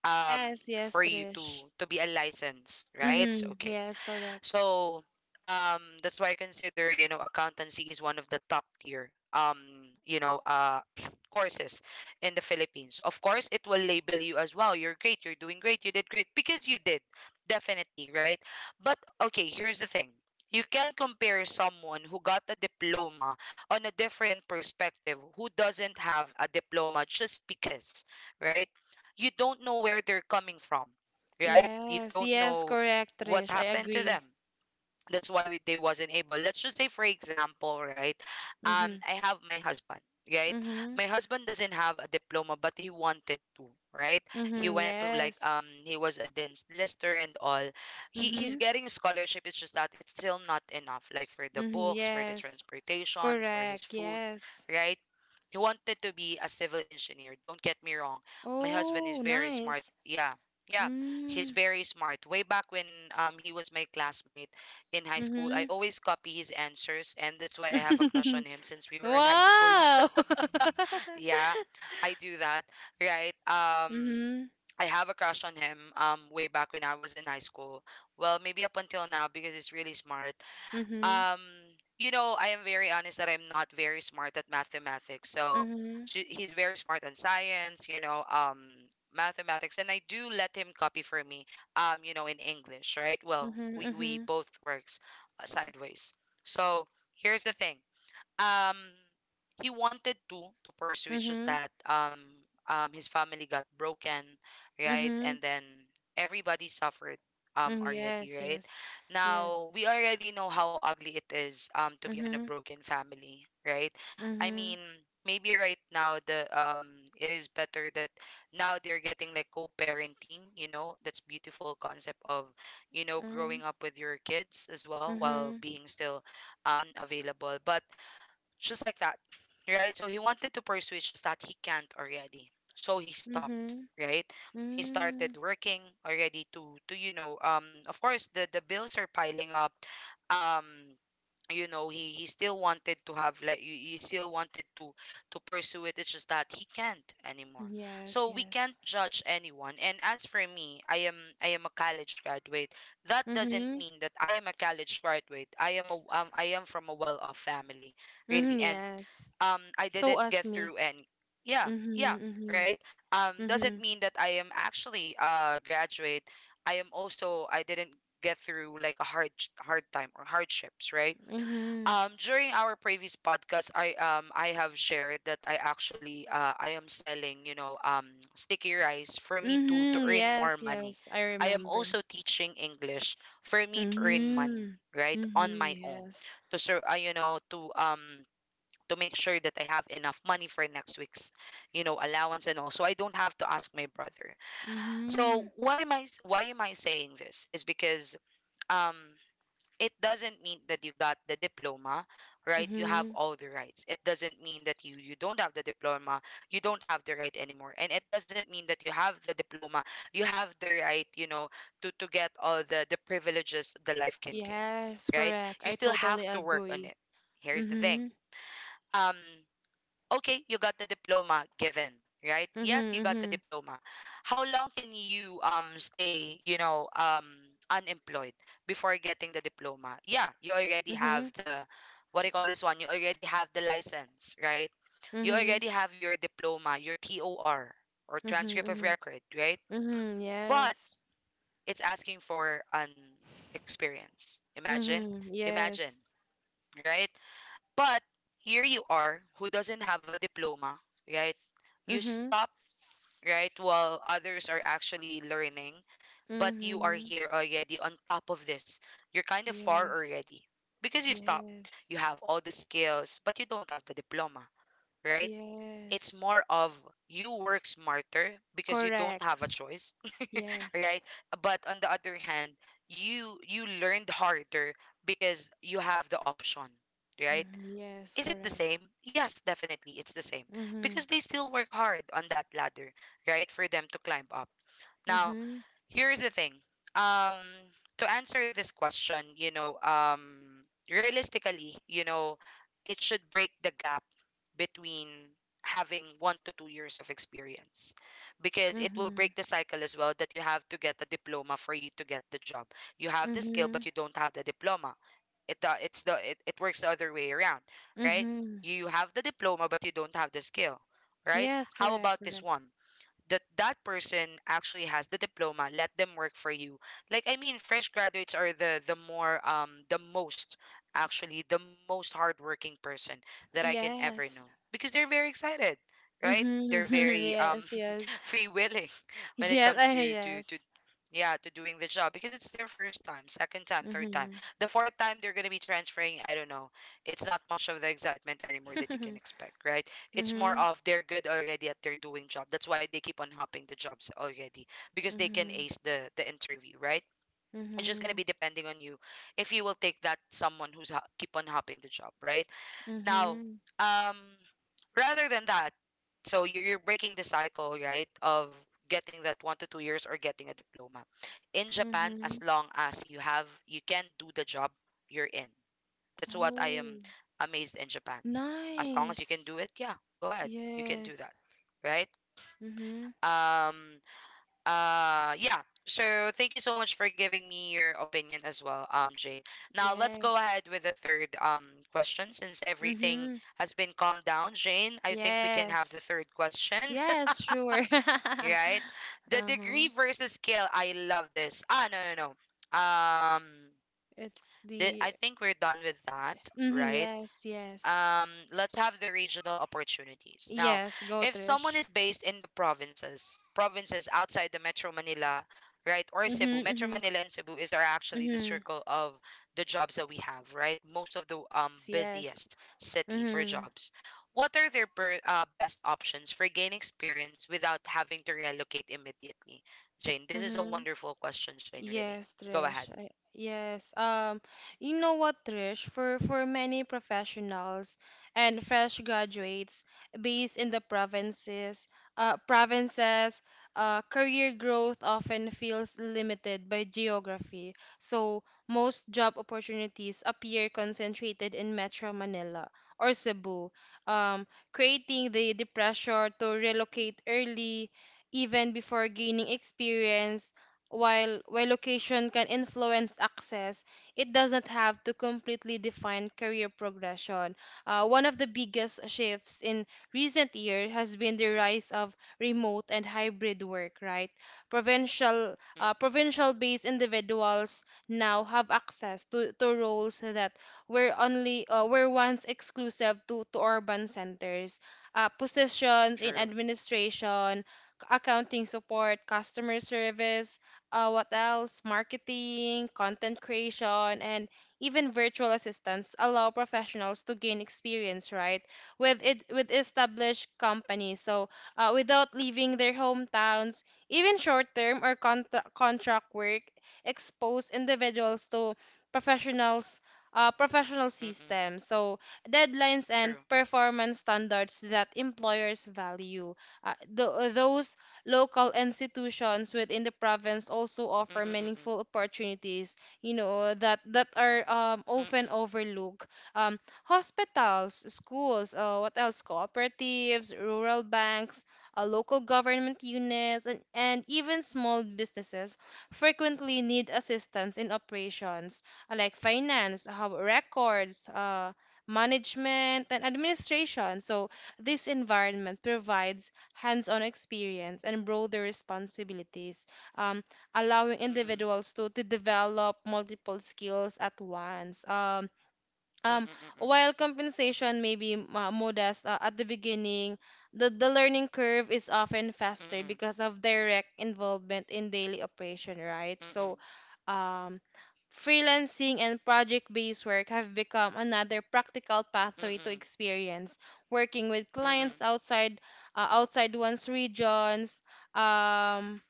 Speaker 1: um,
Speaker 2: Yes, yes,
Speaker 1: for you
Speaker 2: Trish.
Speaker 1: to be a license, right?
Speaker 2: Mm-hmm.
Speaker 1: Okay.
Speaker 2: Yes, correct.
Speaker 1: So that's why I consider, you know, accountancy is one of the top tier you know uh <sniffs> courses in the Philippines. Of course, it will label you as wow, you're great, you're doing great, you did great because you did definitely right. But okay, here's the thing. You can compare someone who got a diploma on a different perspective who doesn't have a diploma just because, right? You don't know where they're coming from, right? You
Speaker 2: Yes,
Speaker 1: don't
Speaker 2: yes,
Speaker 1: know
Speaker 2: correct,
Speaker 1: what
Speaker 2: Trish. I
Speaker 1: happened to them,
Speaker 2: agree.
Speaker 1: that's why we, they wasn't able, let's just say for example, right,
Speaker 2: Mm-hmm.
Speaker 1: I have my husband, right.
Speaker 2: Mm-hmm.
Speaker 1: My husband doesn't have a diploma, but he wanted to, right. He
Speaker 2: Mm-hmm.
Speaker 1: went to like,
Speaker 2: Yes.
Speaker 1: he was a dance lister and all. He's
Speaker 2: Mm-hmm.
Speaker 1: getting a scholarship, it's just that it's still not enough like for the
Speaker 2: Mm-hmm.
Speaker 1: books, for the
Speaker 2: Yes.
Speaker 1: transportation, for his
Speaker 2: Correct.
Speaker 1: food,
Speaker 2: Yes.
Speaker 1: right. He wanted to be a civil engineer, don't get me wrong. My husband is
Speaker 2: Oh,
Speaker 1: very smart,
Speaker 2: nice.
Speaker 1: yeah. Yeah, he's
Speaker 2: Mm.
Speaker 1: very smart. Way back when, he was my classmate in high school. I
Speaker 2: Mm-hmm.
Speaker 1: always copy his answers, and that's why I have a crush on
Speaker 2: <laughs>
Speaker 1: him since we were in high school.
Speaker 2: Wow.
Speaker 1: <laughs>
Speaker 2: <laughs>
Speaker 1: Yeah, I do that, right?
Speaker 2: Mm-hmm.
Speaker 1: I have a crush on him way back when I was in high school. Well, maybe up until now because he's really smart.
Speaker 2: Mm-hmm.
Speaker 1: um you know, I am very honest that I'm not very smart at mathematics, so
Speaker 2: Mm-hmm.
Speaker 1: he's very smart on science, you know, mathematics, and I do let him copy for me, you know, in English, right? Well, we
Speaker 2: Mm-hmm.
Speaker 1: both works sideways. So here's the thing, um he wanted to pursue, it's just
Speaker 2: Mm-hmm.
Speaker 1: that his family got broken, right,
Speaker 2: Mm-hmm.
Speaker 1: and then everybody suffered
Speaker 2: Mm,
Speaker 1: already,
Speaker 2: yes,
Speaker 1: right.
Speaker 2: yes,
Speaker 1: Now
Speaker 2: yes.
Speaker 1: we already know how ugly it is to be on a
Speaker 2: Mm-hmm,
Speaker 1: broken family, right. I
Speaker 2: mm-hmm,
Speaker 1: mean, maybe right now the it is better that now they're getting like co-parenting, you know, that's beautiful concept of, you know, growing
Speaker 2: mm,
Speaker 1: up with your kids as well while
Speaker 2: mm-hmm,
Speaker 1: being still available, but just like that, right? So he wanted to pursue, it's just that he can't already. So he stopped,
Speaker 2: mm-hmm,
Speaker 1: right? He
Speaker 2: mm.
Speaker 1: started working already to you know of course the bills are piling up. um you know, he still wanted to have like you, he still wanted to pursue it, it's just that he can't anymore.
Speaker 2: Yes,
Speaker 1: So we can't
Speaker 2: yes.
Speaker 1: judge anyone, and as for me, I am a college graduate. That doesn't
Speaker 2: Mm-hmm,
Speaker 1: mean that I am a college graduate, I am a I am from a well-off family, really.
Speaker 2: mm-hmm,
Speaker 1: And
Speaker 2: yes.
Speaker 1: I
Speaker 2: So
Speaker 1: didn't
Speaker 2: as
Speaker 1: get
Speaker 2: me.
Speaker 1: through any. Yeah. Yeah,
Speaker 2: Mm-hmm, mm-hmm,
Speaker 1: right.
Speaker 2: mm-hmm,
Speaker 1: Doesn't mean that I am actually a graduate, I am also, I didn't get through like a hard time or hardships, right.
Speaker 2: mm-hmm,
Speaker 1: During our previous podcast, I have shared that I actually I am selling, you know, sticky rice for me to
Speaker 2: mm-hmm.
Speaker 1: earn more
Speaker 2: Yes,
Speaker 1: money.
Speaker 2: yes, I
Speaker 1: I am
Speaker 2: remember.
Speaker 1: also teaching English for me to earn money,
Speaker 2: Mm-hmm,
Speaker 1: right, on
Speaker 2: mm-hmm,
Speaker 1: my own
Speaker 2: yes.
Speaker 1: to serve you know, to make sure that I have enough money for next week's, you know, allowance, and also I don't have to ask my brother.
Speaker 2: Mm-hmm,
Speaker 1: So what am I s- why am I saying this? Is because um it doesn't mean that you got the diploma, right? You have
Speaker 2: mm-hmm.
Speaker 1: all the rights. It doesn't mean that you don't have the diploma, you don't have the right anymore. And it doesn't mean that you have the diploma, you have the right, you know, to get all the privileges the life can give,
Speaker 2: Yes,
Speaker 1: right?
Speaker 2: correct.
Speaker 1: You
Speaker 2: I
Speaker 1: still
Speaker 2: totally
Speaker 1: have to work on
Speaker 2: agree.
Speaker 1: it. Here's the thing.
Speaker 2: Mm-hmm,
Speaker 1: Um okay, you got the diploma given, right?
Speaker 2: mm-hmm,
Speaker 1: Yes, you got the
Speaker 2: mm-hmm,
Speaker 1: diploma. How long can you stay, you know, unemployed before getting the diploma? Yeah, you already
Speaker 2: mm-hmm,
Speaker 1: have the, what do you call this one? You already have the license, right? You
Speaker 2: mm-hmm,
Speaker 1: already have your diploma, your TOR or
Speaker 2: mm-hmm,
Speaker 1: transcript of
Speaker 2: mm-hmm.
Speaker 1: record, right?
Speaker 2: Mm-hmm,
Speaker 1: But
Speaker 2: yes.
Speaker 1: it's asking for an experience. Imagine,
Speaker 2: Mm-hmm,
Speaker 1: imagine,
Speaker 2: yes.
Speaker 1: right? But here you are, who doesn't have a diploma, right? You
Speaker 2: Mm-hmm,
Speaker 1: stop, right, while others are actually learning, but you are
Speaker 2: mm-hmm,
Speaker 1: here already on top of this. You're kind of far
Speaker 2: yes.
Speaker 1: already because you stop.
Speaker 2: Yes.
Speaker 1: You have all the skills, but you don't have the diploma, right? It's
Speaker 2: Yes.
Speaker 1: more of you work smarter because you don't
Speaker 2: Correct.
Speaker 1: have a choice, <laughs>
Speaker 2: Yes.
Speaker 1: right? But on the other hand, you learned harder because you have the option, right?
Speaker 2: Mm-hmm, yes,
Speaker 1: Is it the
Speaker 2: correct.
Speaker 1: same? Yes, definitely, it's the same
Speaker 2: Mm-hmm,
Speaker 1: because they still work hard on that ladder, right, for them to climb up. Now,
Speaker 2: mm-hmm,
Speaker 1: here's the thing. Um, to answer this question, you know, realistically, you know, it should break the gap between having 1 to 2 years of experience because it will
Speaker 2: mm-hmm,
Speaker 1: break the cycle as well that you have to get a diploma for you to get the job. You have the skill,
Speaker 2: mm-hmm,
Speaker 1: but you don't have the diploma. It works the other way around, right?
Speaker 2: mm-hmm.
Speaker 1: You have the diploma, but you don't have the skill, right?
Speaker 2: Yes,
Speaker 1: How
Speaker 2: correct,
Speaker 1: about this
Speaker 2: correct.
Speaker 1: one? That that person actually has the diploma, let them work for you. Like, I mean, fresh graduates are the more the most actually the most hardworking person that I can ever know
Speaker 2: Yes.
Speaker 1: because they're very excited, right. They're
Speaker 2: Mm-hmm, <laughs>
Speaker 1: very
Speaker 2: yes, yes.
Speaker 1: free willing <laughs> when it
Speaker 2: Yes,
Speaker 1: comes
Speaker 2: <laughs>
Speaker 1: to to
Speaker 2: yes.
Speaker 1: yeah, to doing the job because it's their first time, second time, third time.
Speaker 2: Mm-hmm.
Speaker 1: The fourth time they're going to be transferring, I don't know, it's not much of the excitement anymore that you can
Speaker 2: <laughs>
Speaker 1: expect, right. It's more
Speaker 2: Mm-hmm,
Speaker 1: of they're good already at their doing job, that's why they keep on hopping the jobs already because they can
Speaker 2: mm-hmm,
Speaker 1: ace the interview, right. It's just going
Speaker 2: mm-hmm,
Speaker 1: to be depending on you if you will take that someone who's keep on hopping the job, right. Now,
Speaker 2: mm-hmm,
Speaker 1: um, rather than that, so you're breaking the cycle, right, of getting that 1 to 2 years or getting a diploma. In Japan,
Speaker 2: mm-hmm.
Speaker 1: as long as you have, you can do the job you're in. That's what I am
Speaker 2: Oh.
Speaker 1: amazed in Japan. As long as you can
Speaker 2: Nice.
Speaker 1: do it, yeah, go ahead. You can do
Speaker 2: Yes.
Speaker 1: that, right?
Speaker 2: Mm-hmm.
Speaker 1: Um, yeah. So thank you so much for giving me your opinion as well, Jane. Now let's go
Speaker 2: Yes.
Speaker 1: ahead with the third question since everything
Speaker 2: Mm-hmm.
Speaker 1: has been calmed down, Jane. I think we can have the
Speaker 2: Yes.
Speaker 1: third question,
Speaker 2: Yes, sure.
Speaker 1: <laughs>
Speaker 2: <laughs>
Speaker 1: right? The degree
Speaker 2: Uh-huh.
Speaker 1: versus scale. I love this. Ah, no, no, no. Um,
Speaker 2: It's the
Speaker 1: I think we're done with that,
Speaker 2: Mm-hmm.
Speaker 1: right?
Speaker 2: Yes, yes.
Speaker 1: Let's have the regional opportunities. Now,
Speaker 2: Yes, go
Speaker 1: if someone
Speaker 2: Trish.
Speaker 1: is based in the provinces, provinces outside the Metro Manila, right, or
Speaker 2: Mm-hmm.
Speaker 1: Cebu. Metro
Speaker 2: Mm-hmm.
Speaker 1: Manila and Cebu is are actually the
Speaker 2: Mm-hmm.
Speaker 1: circle of the jobs that we have, right? Most of the
Speaker 2: Yes, yes.
Speaker 1: busiest city for
Speaker 2: Mm-hmm.
Speaker 1: jobs. What are their best options for gaining experience without having to relocate immediately? Jane, this is a
Speaker 2: Mm-hmm.
Speaker 1: wonderful question, Jane, really.
Speaker 2: Yes,
Speaker 1: Go ahead.
Speaker 2: Trish. I, yes. You know what, Trish? For many professionals and fresh graduates based in the provinces, uh, provinces, career growth often feels limited by geography. So most job opportunities appear concentrated in Metro Manila or Cebu, creating the pressure to
Speaker 1: Mm-mm,
Speaker 2: relocate early, even before gaining experience. While location can influence access, it doesn't have to completely define career progression. One of the biggest shifts in recent years has been the rise of remote and hybrid work, right?
Speaker 1: mm,
Speaker 2: Provincial-based individuals now have access to roles that were once exclusive to urban centers. Positions in
Speaker 1: true.
Speaker 2: administration, accounting support, customer service, what else? Marketing, content creation, and even virtual assistants allow professionals to gain experience, right? With established companies, so without leaving their hometowns, even short-term or contract work expose individuals to professionals. Professional
Speaker 1: Mm-mm,
Speaker 2: systems, so deadlines and
Speaker 1: true.
Speaker 2: performance standards that employers value. Th- those Local institutions within the province also offer
Speaker 1: Mm-mm, mm-mm,
Speaker 2: meaningful opportunities, you know, that are often
Speaker 1: mm-mm.
Speaker 2: overlooked. Hospitals, schools, what else? Cooperatives, rural banks, local government units, and even small businesses frequently need assistance in operations like finance, how records, management, and administration. So this environment provides hands-on experience and broader responsibilities, um, allowing
Speaker 1: Mm-mm,
Speaker 2: individuals to develop multiple skills at once. Um,
Speaker 1: mm-mm, mm-mm,
Speaker 2: while compensation may be modest at the beginning, the learning curve is often faster
Speaker 1: mm-mm,
Speaker 2: because of direct involvement in daily operation, right?
Speaker 1: mm-mm,
Speaker 2: So, um, freelancing and project-based work have become another practical pathway to
Speaker 1: mm-mm,
Speaker 2: experience working with
Speaker 1: mm-mm,
Speaker 2: clients outside one's regions. Um,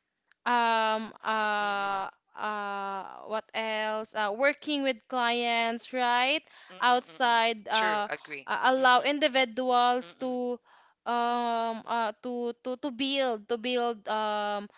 Speaker 2: um
Speaker 1: mm-mm,
Speaker 2: uh what else? Working with clients, right,
Speaker 1: mm-mm, mm-mm.
Speaker 2: outside
Speaker 1: True,
Speaker 2: uh
Speaker 1: agree.
Speaker 2: uh, allow
Speaker 1: Mm-mm,
Speaker 2: individuals
Speaker 1: mm-mm,
Speaker 2: to build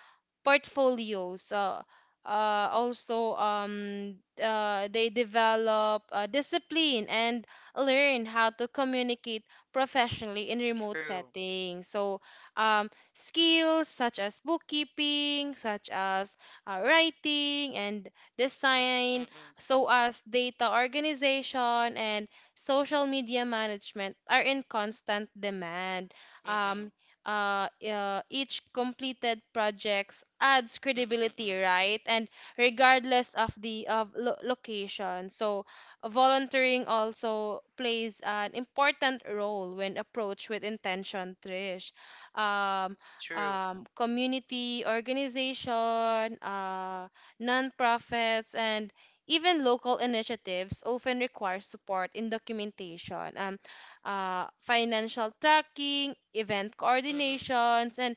Speaker 2: portfolios. Also They develop discipline and learn how to communicate professionally in remote
Speaker 1: true.
Speaker 2: settings. So um, skills such as bookkeeping, such as writing and design,
Speaker 1: Mm-mm,
Speaker 2: so as data organization and social media management are in constant demand.
Speaker 1: mm-mm,
Speaker 2: um, each completed projects adds
Speaker 1: mm-mm,
Speaker 2: credibility,
Speaker 1: mm-mm,
Speaker 2: right? And regardless of the location. So volunteering also plays an important role when approached with intention, Trish. Um,
Speaker 1: true.
Speaker 2: Community organization, nonprofits, and even local initiatives often require support in documentation. Financial tracking, event
Speaker 1: Mm-mm,
Speaker 2: coordinations, and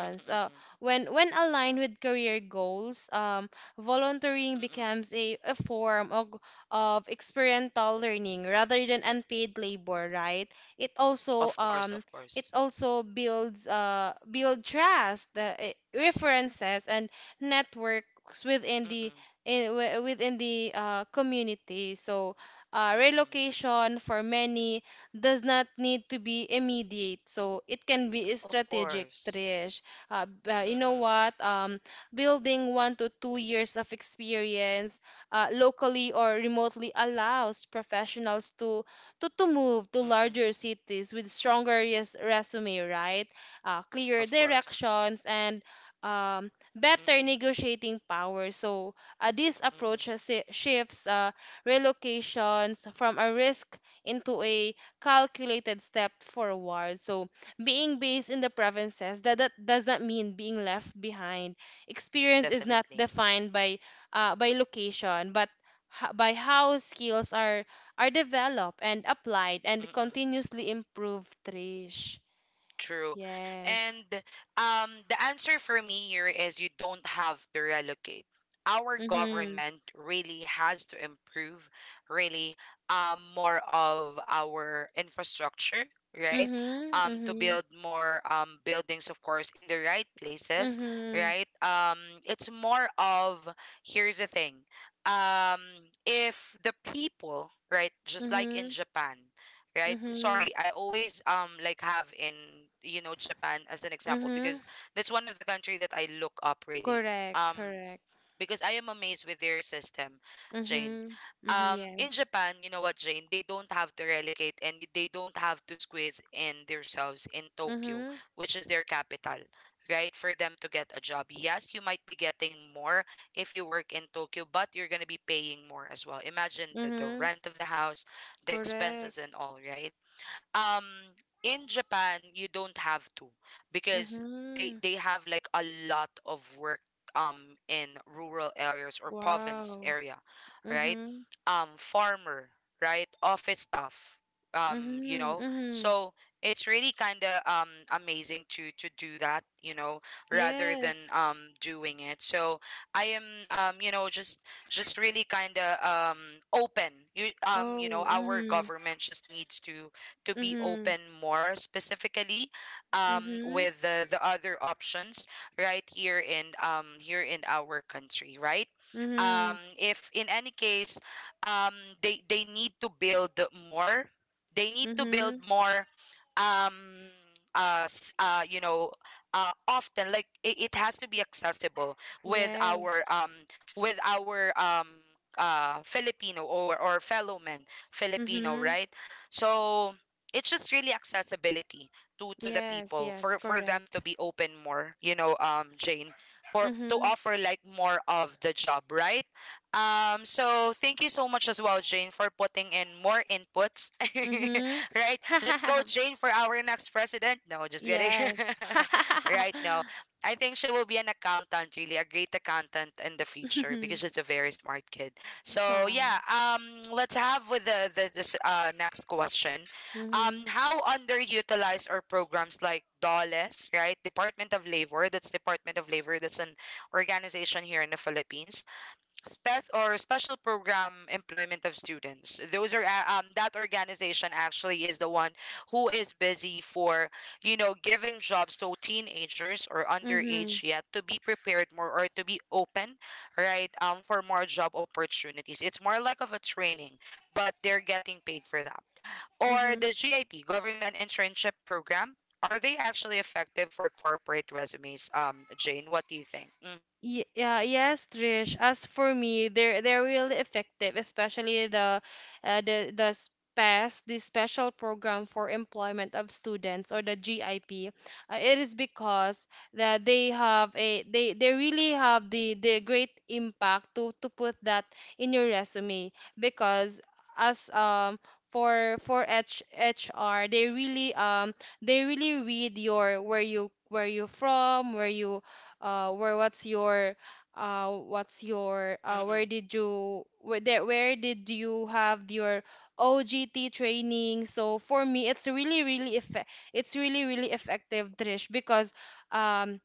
Speaker 1: mm-mm, mm-mm,
Speaker 2: When aligned with career goals, volunteering
Speaker 1: mm-mm.
Speaker 2: becomes a form of experiential learning rather than unpaid labor, right? It also
Speaker 1: Of course,
Speaker 2: um,
Speaker 1: of
Speaker 2: it
Speaker 1: course.
Speaker 2: also builds build trust, references, and networks within the
Speaker 1: Mm-mm,
Speaker 2: community. So
Speaker 1: mm-mm,
Speaker 2: relocation for many does not need to be immediate. So it can be
Speaker 1: of
Speaker 2: strategic,
Speaker 1: course.
Speaker 2: Trish. You know
Speaker 1: Mm-mm,
Speaker 2: what? Building 1 to 2 years of experience locally or remotely allows professionals to move to
Speaker 1: mm-mm,
Speaker 2: larger cities with stronger resume, right? Clear
Speaker 1: of course.
Speaker 2: directions and better
Speaker 1: Mm-mm,
Speaker 2: negotiating power. So this
Speaker 1: mm-mm,
Speaker 2: approach shifts relocations from a risk into a calculated step forward. So, being based in the provinces that does not mean being left behind. Experience is not
Speaker 1: definitely.
Speaker 2: defined by location, but by how skills are developed and applied and continuously improved, Trish,
Speaker 1: True.
Speaker 2: yes.
Speaker 1: And the answer for me here is you don't have to relocate. Our
Speaker 2: Mhm.
Speaker 1: government really has to improve, really, more of our infrastructure, right?
Speaker 2: Mhm.
Speaker 1: To
Speaker 2: Mhm.
Speaker 1: build more buildings, of course, in the right places,
Speaker 2: Mhm.
Speaker 1: right? It's more of Here's the thing. Um, if the people, right, just like in
Speaker 2: Mhm.
Speaker 1: Japan, right.
Speaker 2: Mhm.
Speaker 1: Sorry, I always like have in, you know, Japan as an example because
Speaker 2: Mhm.
Speaker 1: that's one of the country that I look up really,
Speaker 2: Correct.
Speaker 1: um
Speaker 2: Correct.
Speaker 1: because I am amazed with their system, Jane.
Speaker 2: Mm-hmm. Mm-hmm.
Speaker 1: In
Speaker 2: Yes.
Speaker 1: Japan, you know what, Jane, they don't have to relegate and they don't have to squeeze in themselves in Tokyo,
Speaker 2: Mm-hmm.
Speaker 1: which is their capital, right, for them to get a job. Yes, you might be getting more if you work in Tokyo, but you're going to be paying more as well. Imagine the
Speaker 2: Mm-hmm.
Speaker 1: rent of the house, the
Speaker 2: Correct.
Speaker 1: expenses and all, right? um in Japan, you don't have to because
Speaker 2: Mm-hmm.
Speaker 1: they have like a lot of work, um in rural areas or province
Speaker 2: Wow.
Speaker 1: area, right?
Speaker 2: Mm-hmm.
Speaker 1: Um, farmer, right? Office staff, um, you
Speaker 2: Mm-hmm.
Speaker 1: know.
Speaker 2: Mm-hmm.
Speaker 1: So it's really kind of amazing to do that, you know, rather than,
Speaker 2: Yes.
Speaker 1: um, doing it. So I am, um, you know, just really kind of, um, open. You, um, you know,
Speaker 2: Oh.
Speaker 1: our
Speaker 2: Mm-hmm.
Speaker 1: government just needs to be
Speaker 2: Mm-hmm.
Speaker 1: open more specifically,
Speaker 2: Mm-hmm.
Speaker 1: with the other options right here in, here in our country, right?
Speaker 2: Mm-hmm.
Speaker 1: Um, if in any case, um, they need to build more. They need to build
Speaker 2: Mm-hmm.
Speaker 1: more, um, you know, often like it has to be accessible with our
Speaker 2: Yes.
Speaker 1: um, with our Filipino or fellow men, Filipino,
Speaker 2: Mm-hmm.
Speaker 1: right? So it's just really accessibility to the
Speaker 2: Yes.
Speaker 1: people,
Speaker 2: Yes.
Speaker 1: for them
Speaker 2: Correct.
Speaker 1: to be open more, you know, um, Jane, for to
Speaker 2: Mm-hmm.
Speaker 1: offer like more of the job, right? Um, so thank you so much as well, Jane, for putting in more inputs. <laughs>
Speaker 2: Mm-hmm.
Speaker 1: Right, let's go,
Speaker 2: <laughs>
Speaker 1: Jane, for our next president. No, just kidding.
Speaker 2: Yes.
Speaker 1: <laughs>
Speaker 2: <laughs>
Speaker 1: Right. No, I think she will be an accountant, really, a great accountant in the future because she's a very smart kid. So,
Speaker 2: Wow.
Speaker 1: yeah, um, let's have with the this next question. Um,
Speaker 2: Mm-hmm.
Speaker 1: how underutilized are programs like DOLES, right? Department of Labor, that's Department of Labor, that's an organization here in the Philippines. Spec or Special Program Employment of Students. Those are that organization actually is the one who is busy for, you know, giving jobs to teenagers or
Speaker 2: Mm-hmm.
Speaker 1: underage yet to be prepared more or to be open, right? Um, for more job opportunities. It's more like of a training, but they're getting paid for that. Or
Speaker 2: Mm-hmm.
Speaker 1: the GIP, Government Internship Program, are they actually effective for corporate resumes? Jane, what do you think? Mm-hmm.
Speaker 2: Yeah, yes, Trish. As for me, they're really effective, especially the SPES, the Special Program for Employment of Students or the GIP. It is because that they have a they really have the great impact to put that in your resume because as for H HR they really read your where you from where you where what's your
Speaker 1: Mm-mm.
Speaker 2: where did you where did you have your OGT training? So for me, it's really really effective, Trish, because um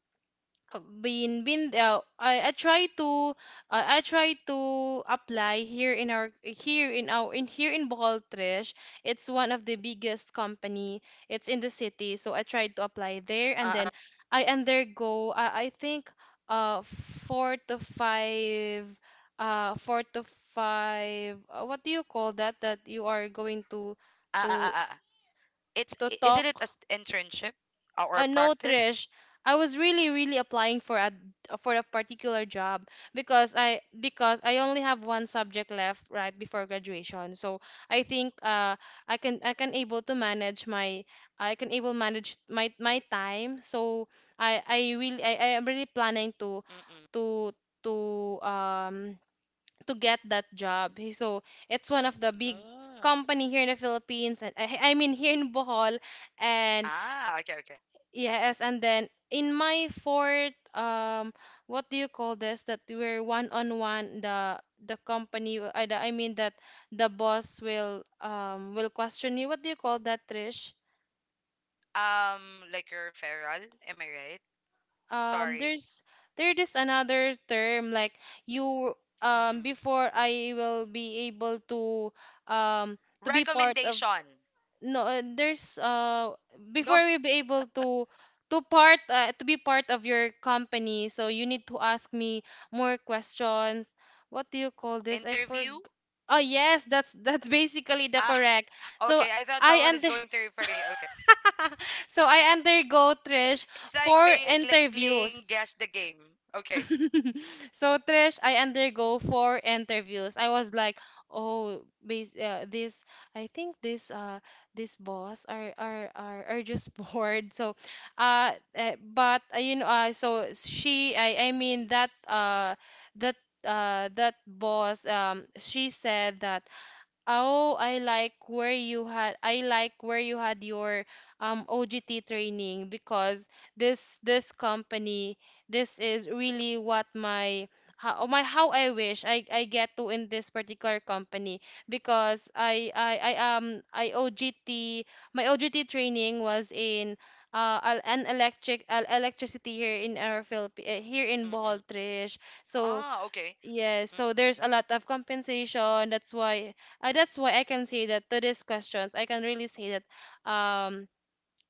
Speaker 2: been I try to apply here in Bohol, Trish. It's one of the biggest company. It's in the city, so I tried to apply there,
Speaker 1: Uh,
Speaker 2: and
Speaker 1: uh, uh,
Speaker 2: then I undergo, I think uh four to five four to five, what do you call that that you are going to
Speaker 1: uh, uh,
Speaker 2: to
Speaker 1: uh. uh. It's
Speaker 2: to
Speaker 1: isn't it as
Speaker 2: talk.
Speaker 1: internship, or
Speaker 2: Uh, no,
Speaker 1: practice?
Speaker 2: Trish. I was really, really applying for a particular job, because I only have one subject left right before graduation. So I think I can able to manage my my time. So I am really planning
Speaker 1: Mm-mm.
Speaker 2: to to um to get that job. So it's one of the big
Speaker 1: Ah.
Speaker 2: company here in the Philippines, and I mean here in Bohol. And
Speaker 1: Ah, okay, okay.
Speaker 2: yes, and then in my fourth, what do you call this? That we're one on one. The company, I mean that the boss will will question you. What do you call that, Trish?
Speaker 1: Um, like your referral, am I right?
Speaker 2: Um,
Speaker 1: Sorry.
Speaker 2: there's there is another term, like, you
Speaker 1: Mm-mm.
Speaker 2: before I will be able to, um to be part of...
Speaker 1: Recommendation.
Speaker 2: No, there's, before
Speaker 1: No
Speaker 2: we be able to part to be part of your company, so you need to ask me more questions. What do you call this? I forg-...
Speaker 1: interview.
Speaker 2: Oh, yes, that's <laughs> that's basically the
Speaker 1: Ah,
Speaker 2: correct. So
Speaker 1: okay. I thought
Speaker 2: I
Speaker 1: someone is
Speaker 2: under-
Speaker 1: going to refer you. Okay.
Speaker 2: <laughs> So I
Speaker 1: Wow,
Speaker 2: undergo,
Speaker 1: that's
Speaker 2: Trish.
Speaker 1: it's like
Speaker 2: Four
Speaker 1: playing
Speaker 2: interviews.
Speaker 1: guess the game. Okay.
Speaker 2: <laughs> So, Trish, I undergo four interviews. I was like, oh, bas this, I think this boss are just <laughs> bored. So, uh, but, so she... I mean that, that. That boss, she said that, "Oh, I like where you had, your OGT training, because this company, this is really what my... How, oh my, how I wish I get to in this particular company, because I I, I um I OGT my OGT training was in, al- an electric electricity here in our Philippi here in Bohol,
Speaker 1: Mm-mm.
Speaker 2: Trish." So...
Speaker 1: Ah, okay.
Speaker 2: Yes, so there's a lot of compensation. That's why I can say that to these questions, I can really say that um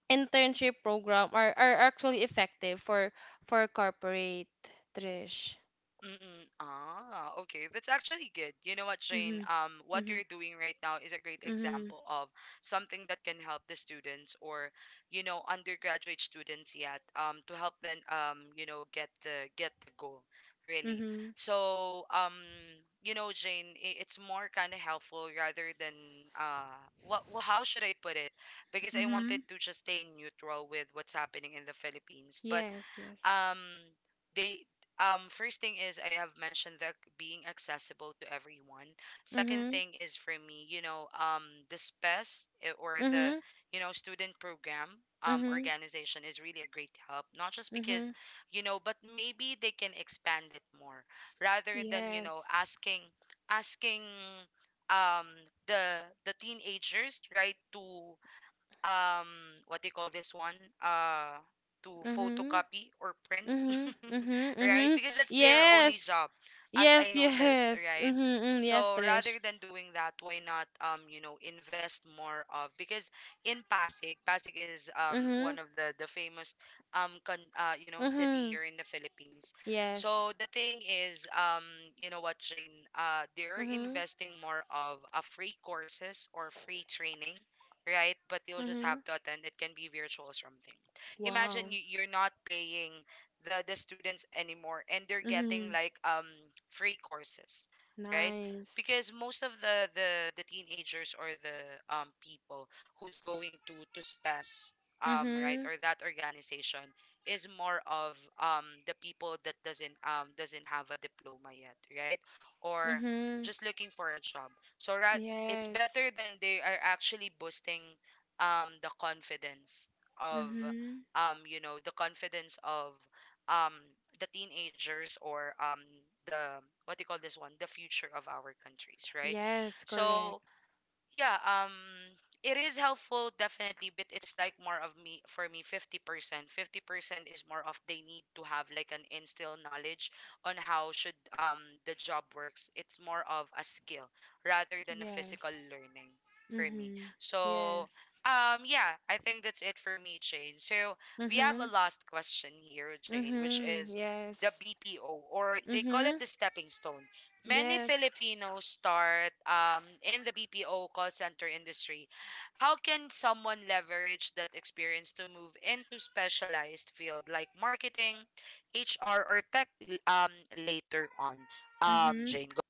Speaker 2: internship program are actually effective for corporate, Trish.
Speaker 1: Mm-mm. Ah, okay. That's actually good. You know what, Shane?
Speaker 2: Mm-hmm.
Speaker 1: What
Speaker 2: Mm-hmm.
Speaker 1: you're doing right now is a great
Speaker 2: Mm-hmm.
Speaker 1: example of something that can help the students or, you know, undergraduate students yet, to help them, you know, get the goal, really.
Speaker 2: Mm-hmm.
Speaker 1: So, you know, Jane, it's more kind of helpful rather than how should I put it? Because I
Speaker 2: Mm-hmm.
Speaker 1: wanted to just stay neutral with what's happening in the Philippines, but
Speaker 2: Yes, yes.
Speaker 1: um they first thing is I have mentioned that being accessible to everyone. Second
Speaker 2: Mm-hmm.
Speaker 1: thing is for me, you know, um, the SPES, eh, or the,
Speaker 2: Mm-hmm.
Speaker 1: you know, student program, um,
Speaker 2: Mm-hmm.
Speaker 1: organization is really a great help, not just because,
Speaker 2: Mm-hmm.
Speaker 1: you know, but maybe they can expand it more rather than, you know,
Speaker 2: Yes.
Speaker 1: asking, asking, um, the the teenagers, right, to, um, what do you call this one, uh, to
Speaker 2: Mm-hmm.
Speaker 1: photocopy or print,
Speaker 2: Mm-hmm.
Speaker 1: <laughs>
Speaker 2: Mm-hmm.
Speaker 1: right?
Speaker 2: Mm-hmm.
Speaker 1: Because that's their only
Speaker 2: Yes.
Speaker 1: job, as I
Speaker 2: Yes,
Speaker 1: noticed,
Speaker 2: yes. <laughs>
Speaker 1: right?
Speaker 2: Mm-hmm. Yes,
Speaker 1: So rather
Speaker 2: Trish.
Speaker 1: than doing that, why not, um, you know, invest more of because in Pasig, Pasig is, um,
Speaker 2: Mm-hmm.
Speaker 1: one of the famous, um, you know, city
Speaker 2: Mm-hmm.
Speaker 1: here in the Philippines.
Speaker 2: Yes.
Speaker 1: So the thing is, um, you know what, Jane, uh, they're
Speaker 2: Mm-hmm.
Speaker 1: investing more of a free courses or free training, right? But you'll just
Speaker 2: Mm-hmm.
Speaker 1: have to attend. It can be virtual or something. Imagine
Speaker 2: Wow.
Speaker 1: you're not paying the students anymore, and they're getting
Speaker 2: Mm-hmm.
Speaker 1: like, um, free courses, right?
Speaker 2: Nice.
Speaker 1: Because most of the the teenagers or the, um, people who's going to SPES, um, right,
Speaker 2: Mm-hmm.
Speaker 1: or that organization is more of, um, the people that doesn't, um, doesn't have a diploma yet, right? Or
Speaker 2: Mm-hmm.
Speaker 1: just looking for a job. So it's
Speaker 2: Yes.
Speaker 1: better than they are actually boosting, um, the confidence of,
Speaker 2: Mm-hmm.
Speaker 1: um, you know, the confidence of, um, the teenagers or, um, the what do you call this one, the future of our countries, right?
Speaker 2: Yes, correct.
Speaker 1: So yeah, um, it is helpful, definitely, but it's like more of me, for me, 50%. 50% is more of they need to have like an instill knowledge on how should, um, the job works. It's more of a skill rather than a physical
Speaker 2: Yes.
Speaker 1: learning, for me.
Speaker 2: Mm-hmm.
Speaker 1: So,
Speaker 2: Yes.
Speaker 1: um, yeah, I think that's it for me, Jane. So we have a
Speaker 2: Mm-hmm.
Speaker 1: last question here, Jane, which
Speaker 2: Mm-hmm.
Speaker 1: is the
Speaker 2: Yes.
Speaker 1: BPO, or they call it
Speaker 2: Mm-hmm.
Speaker 1: the stepping stone. Many
Speaker 2: Yes.
Speaker 1: Filipinos start, in the BPO call center industry. How can someone leverage that experience to move into specialized field like marketing, HR, or later on?
Speaker 2: Mm-hmm.
Speaker 1: Jane.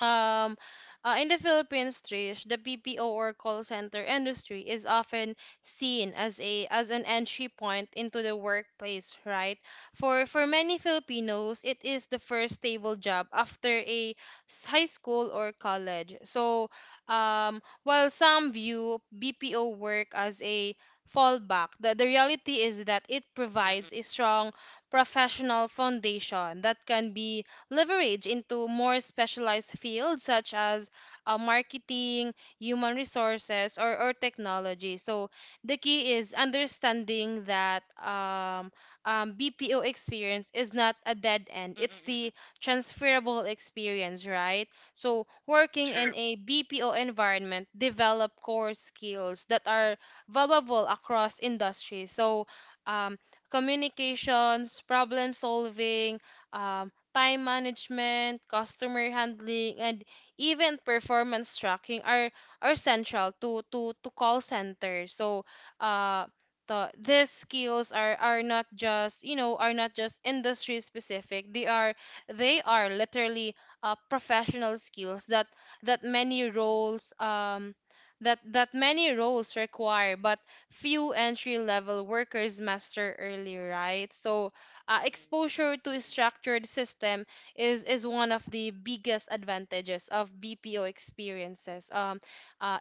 Speaker 2: Um, in the Philippines, Trish, the BPO or call center industry is often seen as a as an entry point into the workplace, right? For many Filipinos, it is the first stable job after high school or college. So, while some view BPO work as a fallback, the reality is that it provides
Speaker 1: Mm-mm,
Speaker 2: a strong professional foundation that can be leverage into more specialized fields, such as marketing, human resources, or technology. So the key is understanding that BPO experience is not a dead end.
Speaker 1: mm-mm,
Speaker 2: It's the
Speaker 1: mm-mm.
Speaker 2: transferable experience, right? So working in
Speaker 1: True.
Speaker 2: a BPO environment develop core skills that are valuable across industries. So, um, communications, problem solving, uh, time management, customer handling, and even performance tracking are central to call centers. So, uh, these skills are not just you know are not just industry specific. They are literally, professional skills that that many roles that that many roles require, but few entry level workers master early, right? So,
Speaker 1: Mm-mm,
Speaker 2: exposure to a
Speaker 1: mm-mm,
Speaker 2: structured system is one of the biggest advantages of BPO experiences.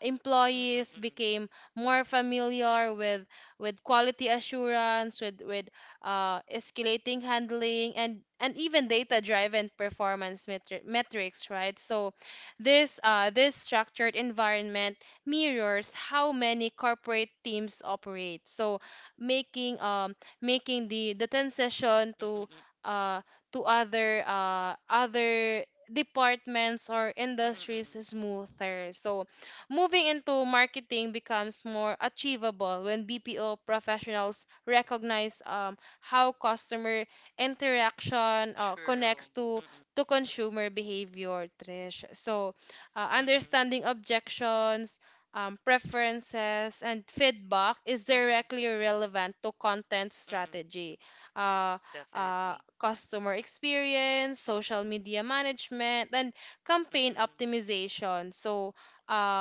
Speaker 1: mm-mm,
Speaker 2: Employees
Speaker 1: mm-mm,
Speaker 2: became more familiar with quality assurance, with escalating handling, and even data-driven performance metrics, right? So, this structured environment mirrors how many corporate teams operate. So, making um, making the transition
Speaker 1: mm-mm, mm-mm,
Speaker 2: uh to other departments or industries
Speaker 1: mm-mm.
Speaker 2: smoother. So moving into marketing becomes more achievable when BPO professionals recognize how customer interaction connects
Speaker 1: True.
Speaker 2: to
Speaker 1: Mm-mm,
Speaker 2: to consumer behavior, Trish. So,
Speaker 1: mm-mm,
Speaker 2: understanding objections, preferences, and feedback is
Speaker 1: mm-mm,
Speaker 2: directly relevant to content
Speaker 1: mm-mm.
Speaker 2: strategy, uh,
Speaker 1: Definitely.
Speaker 2: customer experience, social media management, and campaign
Speaker 1: Mm-mm.
Speaker 2: optimization. So,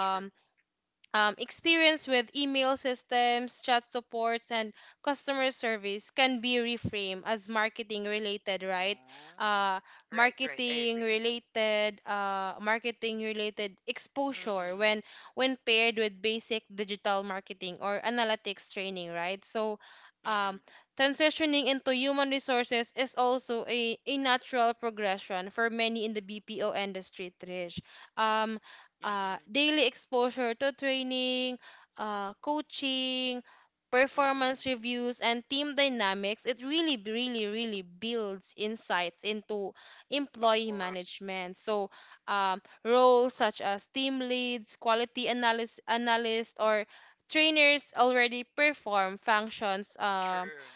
Speaker 1: True.
Speaker 2: experience with email systems, chat supports, and customer service can be reframed as marketing related, right?
Speaker 1: Oh, mm.
Speaker 2: Uh,
Speaker 1: Right, right, I agree.
Speaker 2: Marketing related exposure
Speaker 1: Mm-mm,
Speaker 2: when paired with basic digital marketing or analytics training, right? So.
Speaker 1: mm-mm,
Speaker 2: Um, Transitioning into human resources is also a natural progression for many in the BPO industry, Trish. Um,
Speaker 1: mm-mm,
Speaker 2: Daily exposure to training, coaching, performance
Speaker 1: mm-mm.
Speaker 2: reviews, and team dynamics — it really, really builds insights into
Speaker 1: Of
Speaker 2: employee
Speaker 1: course.
Speaker 2: management. So, roles such as team leads, quality analyst, or trainers already perform functions,
Speaker 1: True.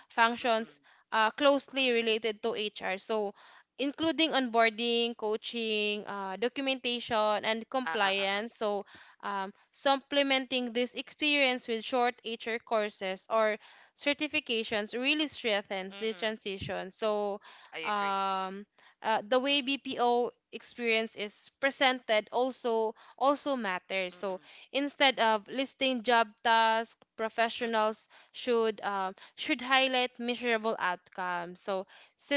Speaker 1: Mm-mm,
Speaker 2: functions, closely
Speaker 1: mm-mm.
Speaker 2: related to HR. So, including onboarding, coaching, documentation, and
Speaker 1: Uh, uh, uh,
Speaker 2: compliance. So, supplementing this experience with short HR courses or certifications really strengthens the
Speaker 1: Mm-mm.
Speaker 2: transition. So,
Speaker 1: I agree.
Speaker 2: um, the way
Speaker 1: Mm-mm,
Speaker 2: BPO experience is presented also matters. So,
Speaker 1: mm-mm,
Speaker 2: instead of listing job tasks,
Speaker 1: mm-mm.
Speaker 2: professionals should highlight measurable outcomes. So,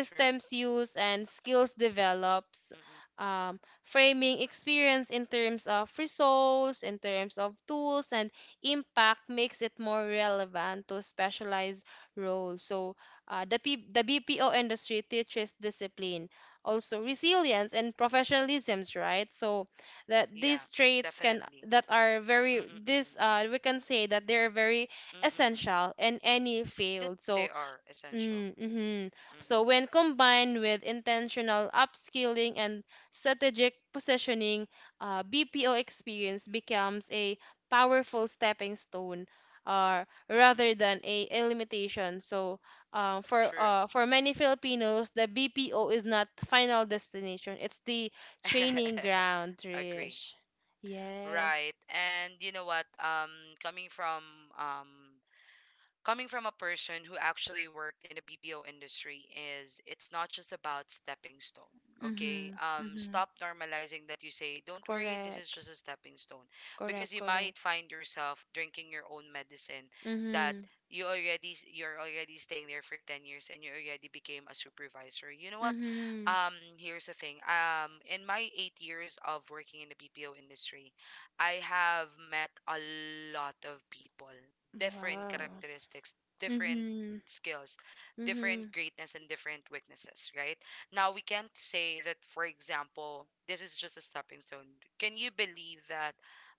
Speaker 1: True.
Speaker 2: use and skills develops,
Speaker 1: Mm-mm.
Speaker 2: framing experience in terms of results, in terms of tools and impact, makes it more relevant to specialized roles. So, the, P- the bpo industry teaches discipline, also resilience and professionalisms, right? So, that
Speaker 1: Yeah,
Speaker 2: these traits can
Speaker 1: definitely.
Speaker 2: that are very,
Speaker 1: Mm-mm, mm-mm,
Speaker 2: this we can say that they're very
Speaker 1: mm-mm.
Speaker 2: essential in any
Speaker 1: That
Speaker 2: field. So...
Speaker 1: they are
Speaker 2: Mm,
Speaker 1: essential.
Speaker 2: hmm. So
Speaker 1: Mm-mm,
Speaker 2: when combined with intentional upskilling and strategic positioning, BPO experience becomes a powerful stepping stone,
Speaker 1: mm-mm.
Speaker 2: rather than a limitation. So,
Speaker 1: True.
Speaker 2: for many Filipinos, the BPO is not final destination; it's the training
Speaker 1: <laughs>
Speaker 2: ground,
Speaker 1: Agree.
Speaker 2: Trish. Yes.
Speaker 1: Right. And you know what? Coming from, um, coming from a person who actually worked in the BPO industry, is it's not just about stepping stone. Okay.
Speaker 2: Mm-hmm.
Speaker 1: Um,
Speaker 2: Mm-hmm.
Speaker 1: stop normalizing that you say, don't worry, this is
Speaker 2: Correct,
Speaker 1: just a stepping stone. Because
Speaker 2: correct,
Speaker 1: you
Speaker 2: correct.
Speaker 1: might find yourself drinking your own medicine that
Speaker 2: Mm-hmm.
Speaker 1: you already you're already staying there for 10 years and you already became a supervisor. You know what?
Speaker 2: Mm-hmm.
Speaker 1: Um, here's the thing. Um, in my 8 years of working in the BPO industry, I have met a lot of people, different
Speaker 2: Wow.
Speaker 1: characteristics, different
Speaker 2: Mhm.
Speaker 1: skills, different
Speaker 2: Mhm.
Speaker 1: greatness, and different weaknesses, right? Now, we can't say that, for example, this is just a stepping stone. Can you believe that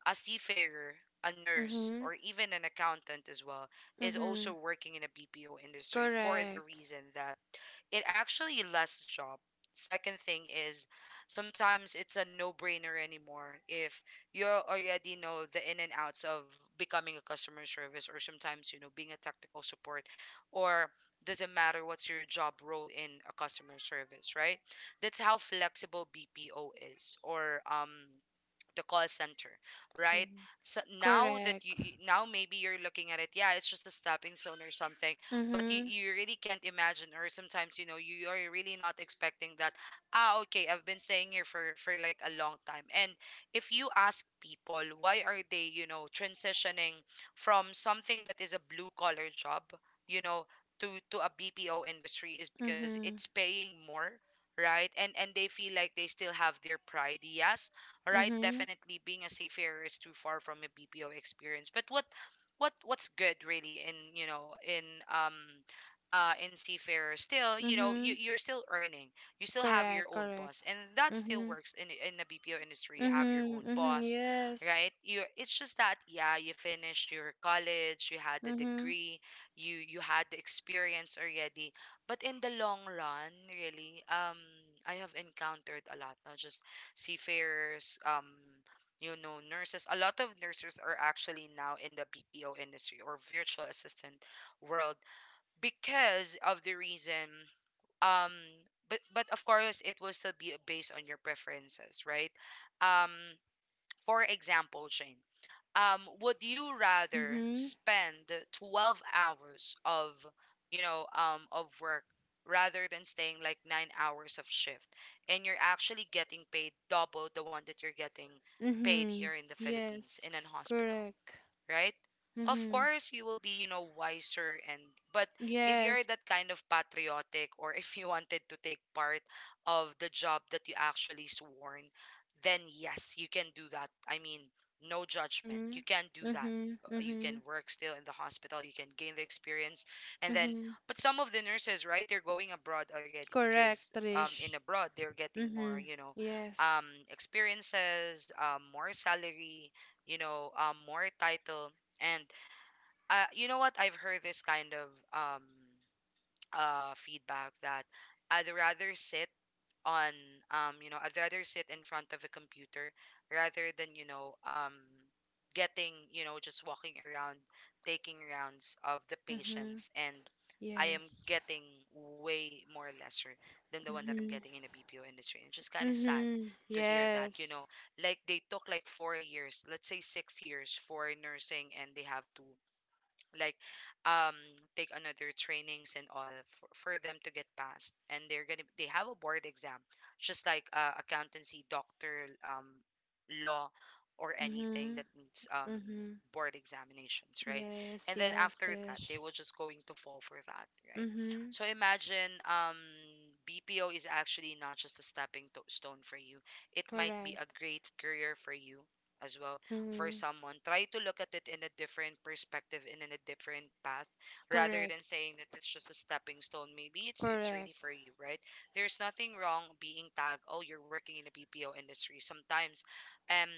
Speaker 1: a seafarer, a nurse,
Speaker 2: Mhm.
Speaker 1: or even an accountant as well is also
Speaker 2: Mhm.
Speaker 1: working in a BPO industry for the
Speaker 2: Correct.
Speaker 1: reason that it actually less job. Second thing is sometimes it's a no-brainer anymore if you already know the in and outs of becoming a customer service or sometimes, you know, being a technical support, or doesn't matter what's your job role in a customer service, right? That's how flexible BPO is, or the call center, right?
Speaker 2: Cor-
Speaker 1: So now that
Speaker 2: Correct.
Speaker 1: now maybe you're looking at it, yeah, it's just a stepping stone or something, but you,
Speaker 2: Mhm.
Speaker 1: you really can't imagine, or sometimes you know you are really not expecting that. Ah, okay, I've been staying here for like a long time. And if you ask people why are they, you know, transitioning from something that is a blue collar job, you know, to a BPO industry, is because it's
Speaker 2: Mhm.
Speaker 1: paying more, right? And they feel like they still have their pride, yes, right?
Speaker 2: Mhm.
Speaker 1: Definitely being a seafarer is too far from a BPO experience. But what what's good really in, you know, um in seafarer, still you know you,
Speaker 2: Mhm.
Speaker 1: you're still earning. You still have your
Speaker 2: Correct.
Speaker 1: own
Speaker 2: Correct.
Speaker 1: boss, and that still
Speaker 2: Mhm.
Speaker 1: works in the BPO industry. You have your own
Speaker 2: Mhm. Mhm.
Speaker 1: boss,
Speaker 2: Yes.
Speaker 1: right? You, it's just that, yeah, you finished your college, you had the
Speaker 2: Mhm.
Speaker 1: degree, you had the experience already. But in the long run really, I have encountered a lot, not just seafarers, you know, nurses. A lot of nurses are actually now in the BPO industry or virtual assistant world because of the reason. Um, but of course, it will still be based on your preferences, right? Um, for example, Jane, would you rather
Speaker 2: Mhm.
Speaker 1: spend 12 hours of, you know, of work rather than staying like 9 hours of shift, and you're actually getting paid double the one that you're getting paid here
Speaker 2: Mhm.
Speaker 1: in the Philippines
Speaker 2: Yes.
Speaker 1: in an hospital?
Speaker 2: Correct.
Speaker 1: Right? Of
Speaker 2: Mhm.
Speaker 1: course, you will be, you know, wiser, and but if you're
Speaker 2: Yes.
Speaker 1: that kind of patriotic, or <laughs> if you wanted to take part of the job that you actually sworn, then yes, you can do that. I mean, no judgment. You
Speaker 2: Mhm.
Speaker 1: can do that.
Speaker 2: Mhm.
Speaker 1: You can
Speaker 2: Mhm.
Speaker 1: work still in the hospital, you can gain the experience. And then
Speaker 2: Mhm.
Speaker 1: but some of the nurses, right, they're going abroad already,
Speaker 2: Correct,
Speaker 1: because in
Speaker 2: Trish.
Speaker 1: abroad they're getting more,
Speaker 2: Mhm.
Speaker 1: you know,
Speaker 2: Yes.
Speaker 1: um experiences, more salary, you know, more title. And you know what? I've heard this kind of um, feedback that I'd rather sit on, um, you know, I'd rather sit in front of a computer rather than, you know, um, getting, you know, just walking around, taking rounds of the
Speaker 2: Mhm.
Speaker 1: patients, and I am
Speaker 2: Yes.
Speaker 1: getting way more lesser than the one that I'm
Speaker 2: Mhm.
Speaker 1: getting in the BPO industry, and it's just kind of sad
Speaker 2: Mm-hmm.
Speaker 1: to hear that, you know,
Speaker 2: Yes.
Speaker 1: like they took like 4 years, let's say 6 years for nursing, and they have to like, um, take another trainings and all for, them to get passed, and they have a board exam, just like accountancy, doctor, um, law, or anything
Speaker 2: Mm-hmm.
Speaker 1: that needs
Speaker 2: Mm-hmm.
Speaker 1: board examinations, right?
Speaker 2: Yes,
Speaker 1: And then
Speaker 2: yes,
Speaker 1: after that they
Speaker 2: Trish.
Speaker 1: were just going to fall for that, right?
Speaker 2: Mm-hmm.
Speaker 1: So imagine, um, BPO is actually not just a stone for you. It might be a
Speaker 2: Correct.
Speaker 1: great career for you as well. For
Speaker 2: Mm-hmm.
Speaker 1: someone, try to look at it in a different perspective and in a different path rather
Speaker 2: Correct.
Speaker 1: than saying that it's just a stepping stone. Maybe it's
Speaker 2: Correct.
Speaker 1: really for you, right? There's nothing wrong being tagged, oh, you're working in a BPO industry. Sometimes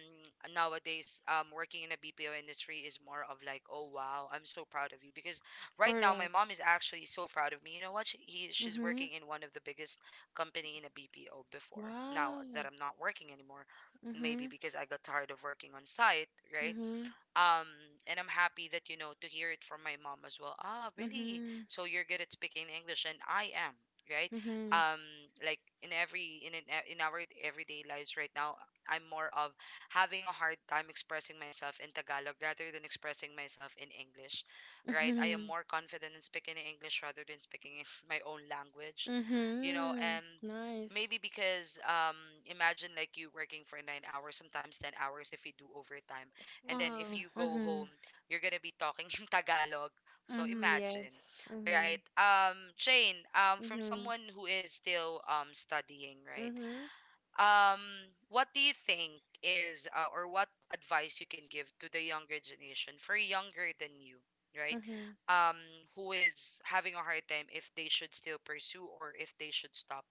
Speaker 1: nowadays working in a BPO industry is more of like, oh wow, I'm so proud of you, because right now my
Speaker 2: Correct.
Speaker 1: mom is actually so proud of me. You know what? She's
Speaker 2: Mm-hmm.
Speaker 1: working in one of the biggest company in a BPO before. Now
Speaker 2: Wow.
Speaker 1: that I'm not working anymore, maybe
Speaker 2: Mm-hmm.
Speaker 1: because I got tired of working on site, right?
Speaker 2: Mm-hmm.
Speaker 1: Um, and I'm happy that, you know, to hear it from my mom as well. Ah, really?
Speaker 2: Mm-hmm.
Speaker 1: So you're good at speaking English, and I am, right?
Speaker 2: Mm-hmm.
Speaker 1: Um, like in every in our everyday lives right now, I'm more of having a hard time expressing myself in Tagalog rather than expressing myself in English,
Speaker 2: <laughs>
Speaker 1: right? I am
Speaker 2: Mm-hmm.
Speaker 1: more confident in speaking in English rather than speaking in <laughs> my own language, you know.
Speaker 2: Mm-hmm.
Speaker 1: And
Speaker 2: Nice.
Speaker 1: maybe because, um, imagine like you working for 9 hours, sometimes 10 hours if you do overtime, and then if
Speaker 2: Oh.
Speaker 1: you go
Speaker 2: Mm-hmm.
Speaker 1: home, you're gonna be talking <laughs> in Tagalog. So
Speaker 2: Mm-hmm.
Speaker 1: imagine,
Speaker 2: Yes. Mm-hmm.
Speaker 1: right? Jane, from
Speaker 2: Mm-hmm.
Speaker 1: someone who is still studying, right?
Speaker 2: Mm-hmm.
Speaker 1: Um, what do you think is or what advice you can give to the younger generation, for younger than you, right?
Speaker 2: Mm-hmm.
Speaker 1: Um, who is having a hard time if they should still pursue, or if they should stop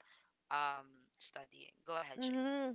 Speaker 1: um studying. Go ahead, Jane.
Speaker 2: Mm-hmm.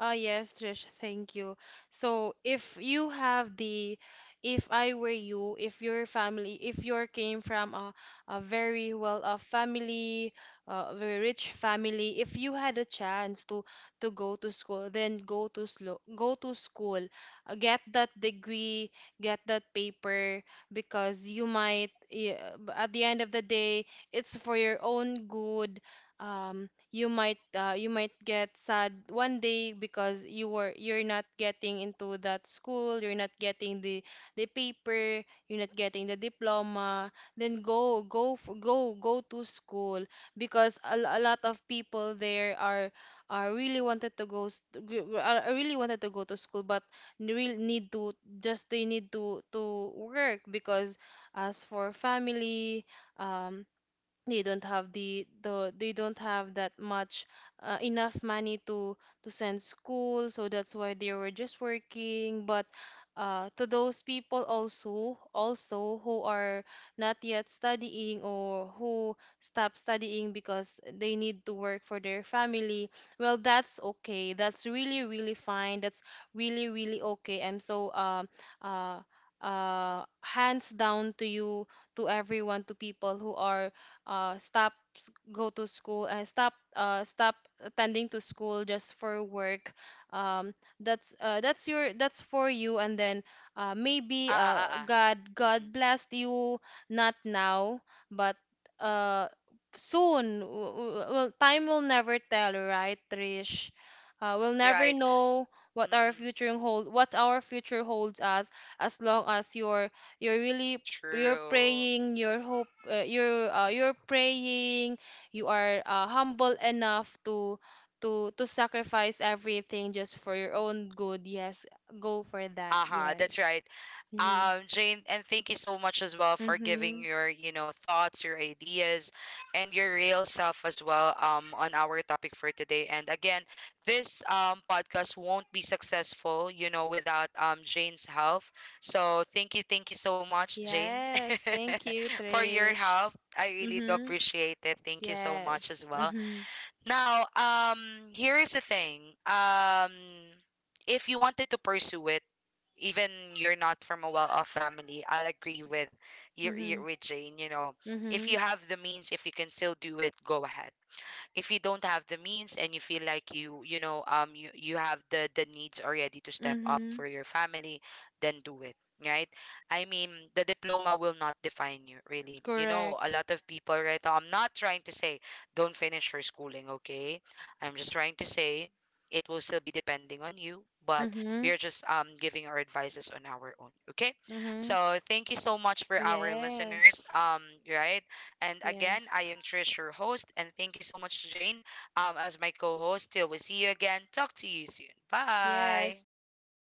Speaker 2: Ah, yes, Trish, thank you. So, if you have if I were you, if your family, if you came from a very well-off family, a very rich family, if you had a chance to go to school, then go to school. Get that degree, get that paper, because you might, yeah, at the end of the day, it's for your own good. Um, you might, get sad one day because you're not getting into that school, you're not getting the paper, you're not getting the diploma. Then go go f- go go to school, because a lot of people there are really wanted to go s- to g- are really wanted to go to school, but really need to, just they need to work, because as for family, um they don't have, the they don't have that much enough money to send school. So that's why they were just working, but, to those people also who are not yet studying, or who stop studying because they need to work for their family — well, that's okay, that's really, really fine, that's really, really okay. I'm so uh, hands down to you, to everyone, to people who are stop go to school, and stop attending to school just for work. um, that's your, that's for you. And then, maybe,
Speaker 1: Ah ah ah ah.
Speaker 2: god
Speaker 1: Mm-mm.
Speaker 2: god blessed you — not now, but, uh, soon. Well, time will never tell, right, Trish? We'll never
Speaker 1: Right.
Speaker 2: know
Speaker 1: Mm-mm.
Speaker 2: what our future holds us. As long as you're really you're
Speaker 1: True.
Speaker 2: praying, you're praying, you are humble enough to sacrifice everything just for your own good. Yes, go for that.
Speaker 1: Uh-huh, that's
Speaker 2: Yes.
Speaker 1: right.
Speaker 2: Mm-hmm.
Speaker 1: Jane, and thank you so much as well for
Speaker 2: Mm-hmm.
Speaker 1: giving your, you know, thoughts, your ideas, and your real self as well, on our topic for today. And again, this podcast won't be successful, you know, without Jane's help. So thank you so much, Jane,
Speaker 2: Yes,
Speaker 1: <laughs>
Speaker 2: thank you,
Speaker 1: for your
Speaker 2: Trish.
Speaker 1: help. I really do
Speaker 2: Mm-hmm.
Speaker 1: appreciate it. Thank you so much as
Speaker 2: Yes.
Speaker 1: well.
Speaker 2: Mm-hmm.
Speaker 1: Now, here is the thing. If you wanted to pursue it, even you're not from a well-off family, I'll agree with you,
Speaker 2: Mm-hmm.
Speaker 1: with Jane. You know, if
Speaker 2: Mm-hmm.
Speaker 1: you have the means, if you can still do it, go ahead. If you don't have the means and you feel like you know, um, you have the needs already to step up
Speaker 2: Mm-hmm.
Speaker 1: for your family, then do it, right? I mean, the diploma will not define you, really, you know. A
Speaker 2: Correct.
Speaker 1: lot of people right now, I'm not trying to say don't finish your schooling, okay? I'm just trying to say it will still be depending on you. But
Speaker 2: Mm-hmm.
Speaker 1: we are just giving our advices on our own, okay?
Speaker 2: Mm-hmm.
Speaker 1: So thank you so much for our listeners,
Speaker 2: Yes.
Speaker 1: um, right? And again, I
Speaker 2: Yes.
Speaker 1: am Trish, your host, and thank you so much, Jane, as my co host. Till we see you again, talk to you soon. Bye.
Speaker 2: Yes. Bye.